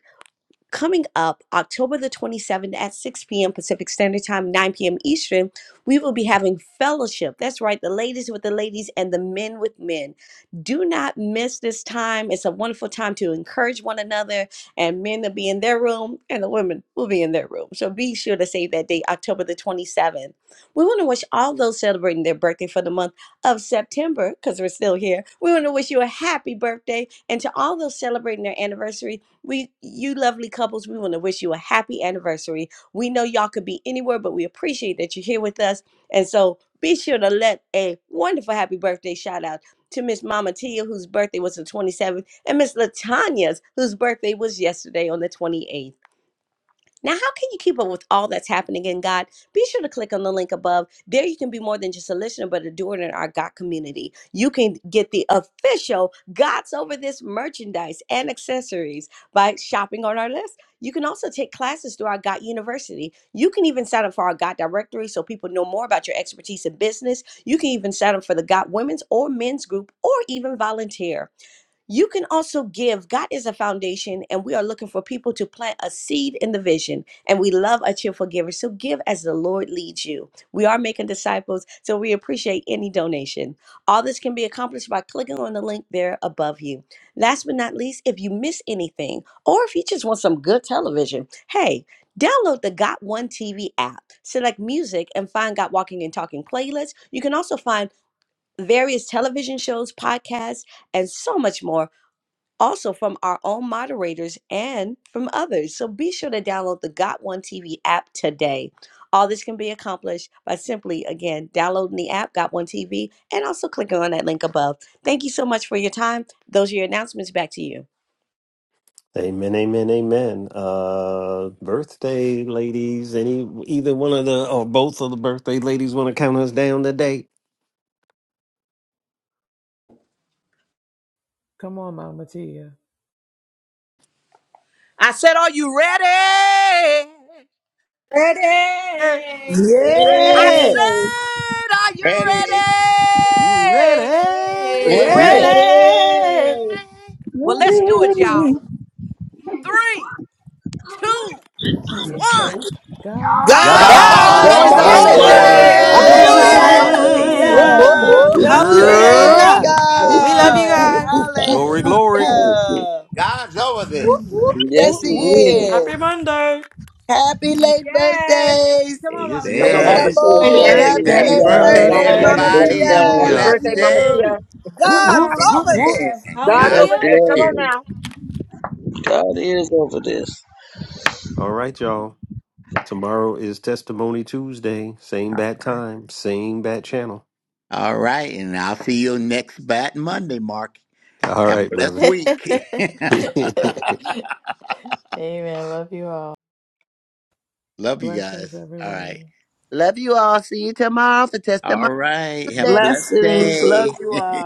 [SPEAKER 8] Coming up October the 27th at 6 p.m. Pacific Standard Time, 9 p.m. Eastern, we will be having fellowship. That's right, the ladies with the ladies and the men with men. Do not miss this time. It's a wonderful time to encourage one another, and men will be in their room, and the women will be in their room. So be sure to save that date, October the 27th. We want to wish all those celebrating their birthday for the month of September, because we're still here, we want to wish you a happy birthday. And to all those celebrating their anniversaries, we, you lovely couples, we want to wish you a happy anniversary. We know y'all could be anywhere, but we appreciate that you're here with us. And so be sure to let a wonderful happy birthday shout out to Miss Mama Tia, whose birthday was the 27th, and Miss Latanya's, whose birthday was yesterday on the 28th. Now, how can you keep up with all that's happening in God? Be sure to click on the link above. There you can be more than just a listener, but a doer in our God community. You can get the official God's Over This merchandise and accessories by shopping on our list. You can also take classes through our God University. You can even sign up for our God directory so people know more about your expertise in business. You can even sign up for the God Women's or Men's group or even volunteer. You can also give. God is a foundation, and we are looking for people to plant a seed in the vision. And we love a cheerful giver. So give as the Lord leads you. We are making disciples, so we appreciate any donation. All this can be accomplished by clicking on the link there above you. Last but not least, if you miss anything, or if you just want some good television, hey, Download the Got One TV app, select music, and find Got Walking and Talking playlists. You can also find various television shows, podcasts, and so much more also from our own moderators and from others. So be sure to download the Got One TV app today. All this can be accomplished by simply, again, downloading the app, Got One TV, and also clicking on that link above. Thank you so much for your time. Those are your announcements. Back to you.
[SPEAKER 1] Amen, amen, amen. Uh, birthday ladies, any either one of the or both of the birthday ladies want to count us down today?
[SPEAKER 9] Come on, Mama Tia.
[SPEAKER 8] I said, Are you ready?
[SPEAKER 10] Yes,
[SPEAKER 8] I
[SPEAKER 11] Yes.
[SPEAKER 8] said, Are you
[SPEAKER 2] Ready,
[SPEAKER 1] Ready?
[SPEAKER 2] ready.
[SPEAKER 8] ready?
[SPEAKER 11] Ready.
[SPEAKER 10] it
[SPEAKER 6] Ready.
[SPEAKER 10] is.
[SPEAKER 8] Well, let's do it, y'all.
[SPEAKER 12] Ready.
[SPEAKER 8] Three, two,
[SPEAKER 13] Yes. You too.
[SPEAKER 8] one.
[SPEAKER 9] God's
[SPEAKER 14] God
[SPEAKER 11] God's
[SPEAKER 8] God's
[SPEAKER 2] God's
[SPEAKER 5] God
[SPEAKER 9] over
[SPEAKER 12] That
[SPEAKER 11] over
[SPEAKER 1] God's
[SPEAKER 5] is
[SPEAKER 12] is
[SPEAKER 8] over
[SPEAKER 2] over
[SPEAKER 6] God's
[SPEAKER 10] God
[SPEAKER 5] over
[SPEAKER 15] God's
[SPEAKER 10] is
[SPEAKER 11] this.
[SPEAKER 12] over
[SPEAKER 8] this.
[SPEAKER 15] over
[SPEAKER 14] is
[SPEAKER 4] God
[SPEAKER 1] over
[SPEAKER 2] this.
[SPEAKER 10] over
[SPEAKER 4] is
[SPEAKER 9] this.
[SPEAKER 15] there.
[SPEAKER 6] over
[SPEAKER 4] over
[SPEAKER 2] Woo!
[SPEAKER 5] this.
[SPEAKER 12] this.
[SPEAKER 10] this.
[SPEAKER 8] out
[SPEAKER 11] Hallelujah.
[SPEAKER 4] this.
[SPEAKER 8] over
[SPEAKER 9] Ooh.
[SPEAKER 6] this.
[SPEAKER 8] this.
[SPEAKER 6] Whoop,
[SPEAKER 10] Hallelujah.
[SPEAKER 1] this.
[SPEAKER 6] whoop,
[SPEAKER 10] Thank
[SPEAKER 12] Hallelujah.
[SPEAKER 5] Hallelujah.
[SPEAKER 6] whoop.
[SPEAKER 11] Thank
[SPEAKER 10] you,
[SPEAKER 11] you,
[SPEAKER 10] Lord.
[SPEAKER 12] Thank
[SPEAKER 6] Hallelujah.
[SPEAKER 10] Thank
[SPEAKER 12] you,
[SPEAKER 5] Praise
[SPEAKER 1] Yep.
[SPEAKER 10] you,
[SPEAKER 12] thank
[SPEAKER 11] Jesus.
[SPEAKER 10] thank
[SPEAKER 2] Hoo,
[SPEAKER 6] We love
[SPEAKER 10] you,
[SPEAKER 2] hoo,
[SPEAKER 6] you,
[SPEAKER 2] hoo,
[SPEAKER 5] God.
[SPEAKER 10] thank
[SPEAKER 6] God.
[SPEAKER 12] you.
[SPEAKER 10] you,
[SPEAKER 2] hoo, hoo,
[SPEAKER 10] Father.
[SPEAKER 1] Glory,
[SPEAKER 2] hoo,
[SPEAKER 1] glory.
[SPEAKER 2] hoo.
[SPEAKER 10] Thank you.
[SPEAKER 5] Hallelujah.
[SPEAKER 2] God's over
[SPEAKER 6] Whoop,
[SPEAKER 2] this.
[SPEAKER 6] whoop.
[SPEAKER 12] Hallelujah.
[SPEAKER 5] Yes,
[SPEAKER 10] Yes,
[SPEAKER 1] Whoop,
[SPEAKER 10] He
[SPEAKER 5] he
[SPEAKER 1] whoop.
[SPEAKER 12] Amen.
[SPEAKER 10] is.
[SPEAKER 5] is.
[SPEAKER 6] Happy Monday.
[SPEAKER 5] Happy late
[SPEAKER 4] Yes.
[SPEAKER 5] birthdays,
[SPEAKER 4] Come on,
[SPEAKER 1] Yes,
[SPEAKER 4] Mama
[SPEAKER 15] Come on,
[SPEAKER 4] Tia.
[SPEAKER 5] Minister
[SPEAKER 15] Mama
[SPEAKER 10] Happy
[SPEAKER 2] Amen.
[SPEAKER 1] yes.
[SPEAKER 15] Tia. You
[SPEAKER 14] activated.
[SPEAKER 5] Boyd.
[SPEAKER 15] happy
[SPEAKER 10] birthday.
[SPEAKER 5] Happy
[SPEAKER 10] Love
[SPEAKER 2] Happy
[SPEAKER 15] today.
[SPEAKER 1] Happy
[SPEAKER 5] late
[SPEAKER 2] birthday to
[SPEAKER 10] y'all.
[SPEAKER 15] God
[SPEAKER 5] birthday,
[SPEAKER 14] by
[SPEAKER 15] bless
[SPEAKER 10] Have
[SPEAKER 5] Mama
[SPEAKER 10] a
[SPEAKER 1] birthday
[SPEAKER 15] you.
[SPEAKER 2] everybody.
[SPEAKER 10] blessed
[SPEAKER 2] Have a
[SPEAKER 1] to
[SPEAKER 5] Tia.
[SPEAKER 15] Happy
[SPEAKER 10] day.
[SPEAKER 1] ya.
[SPEAKER 5] Love
[SPEAKER 2] blessed
[SPEAKER 15] birthday, Mama
[SPEAKER 5] you.
[SPEAKER 15] Tia.
[SPEAKER 2] day.
[SPEAKER 1] Whoop,
[SPEAKER 4] Come
[SPEAKER 1] whoop,
[SPEAKER 11] God's
[SPEAKER 4] on,
[SPEAKER 1] whoop,
[SPEAKER 4] Mama
[SPEAKER 11] over
[SPEAKER 1] whoop.
[SPEAKER 4] Tia.
[SPEAKER 11] this.
[SPEAKER 2] Amen.
[SPEAKER 15] God's
[SPEAKER 2] God
[SPEAKER 10] Yes,
[SPEAKER 15] over
[SPEAKER 6] Hallelujah.
[SPEAKER 15] this.
[SPEAKER 2] bless
[SPEAKER 15] Come
[SPEAKER 2] you.
[SPEAKER 15] on
[SPEAKER 10] Lord.
[SPEAKER 15] now.
[SPEAKER 10] God is over this.
[SPEAKER 1] All right, y'all. Tomorrow is Testimony Tuesday. Same bat time, same bat channel.
[SPEAKER 2] All right. And I'll see you next Bat Monday, Mark.
[SPEAKER 1] All
[SPEAKER 2] Have a
[SPEAKER 1] right, brother.
[SPEAKER 2] blessed week.
[SPEAKER 6] Amen. Love you all.
[SPEAKER 2] Love you
[SPEAKER 9] Blessings,
[SPEAKER 2] guys. All right.
[SPEAKER 9] everyone.
[SPEAKER 5] Love you all. See you tomorrow for Testimony
[SPEAKER 2] All right. Have a
[SPEAKER 5] Tuesday.
[SPEAKER 2] blessed
[SPEAKER 11] Blessings. Love
[SPEAKER 2] day.
[SPEAKER 11] you all.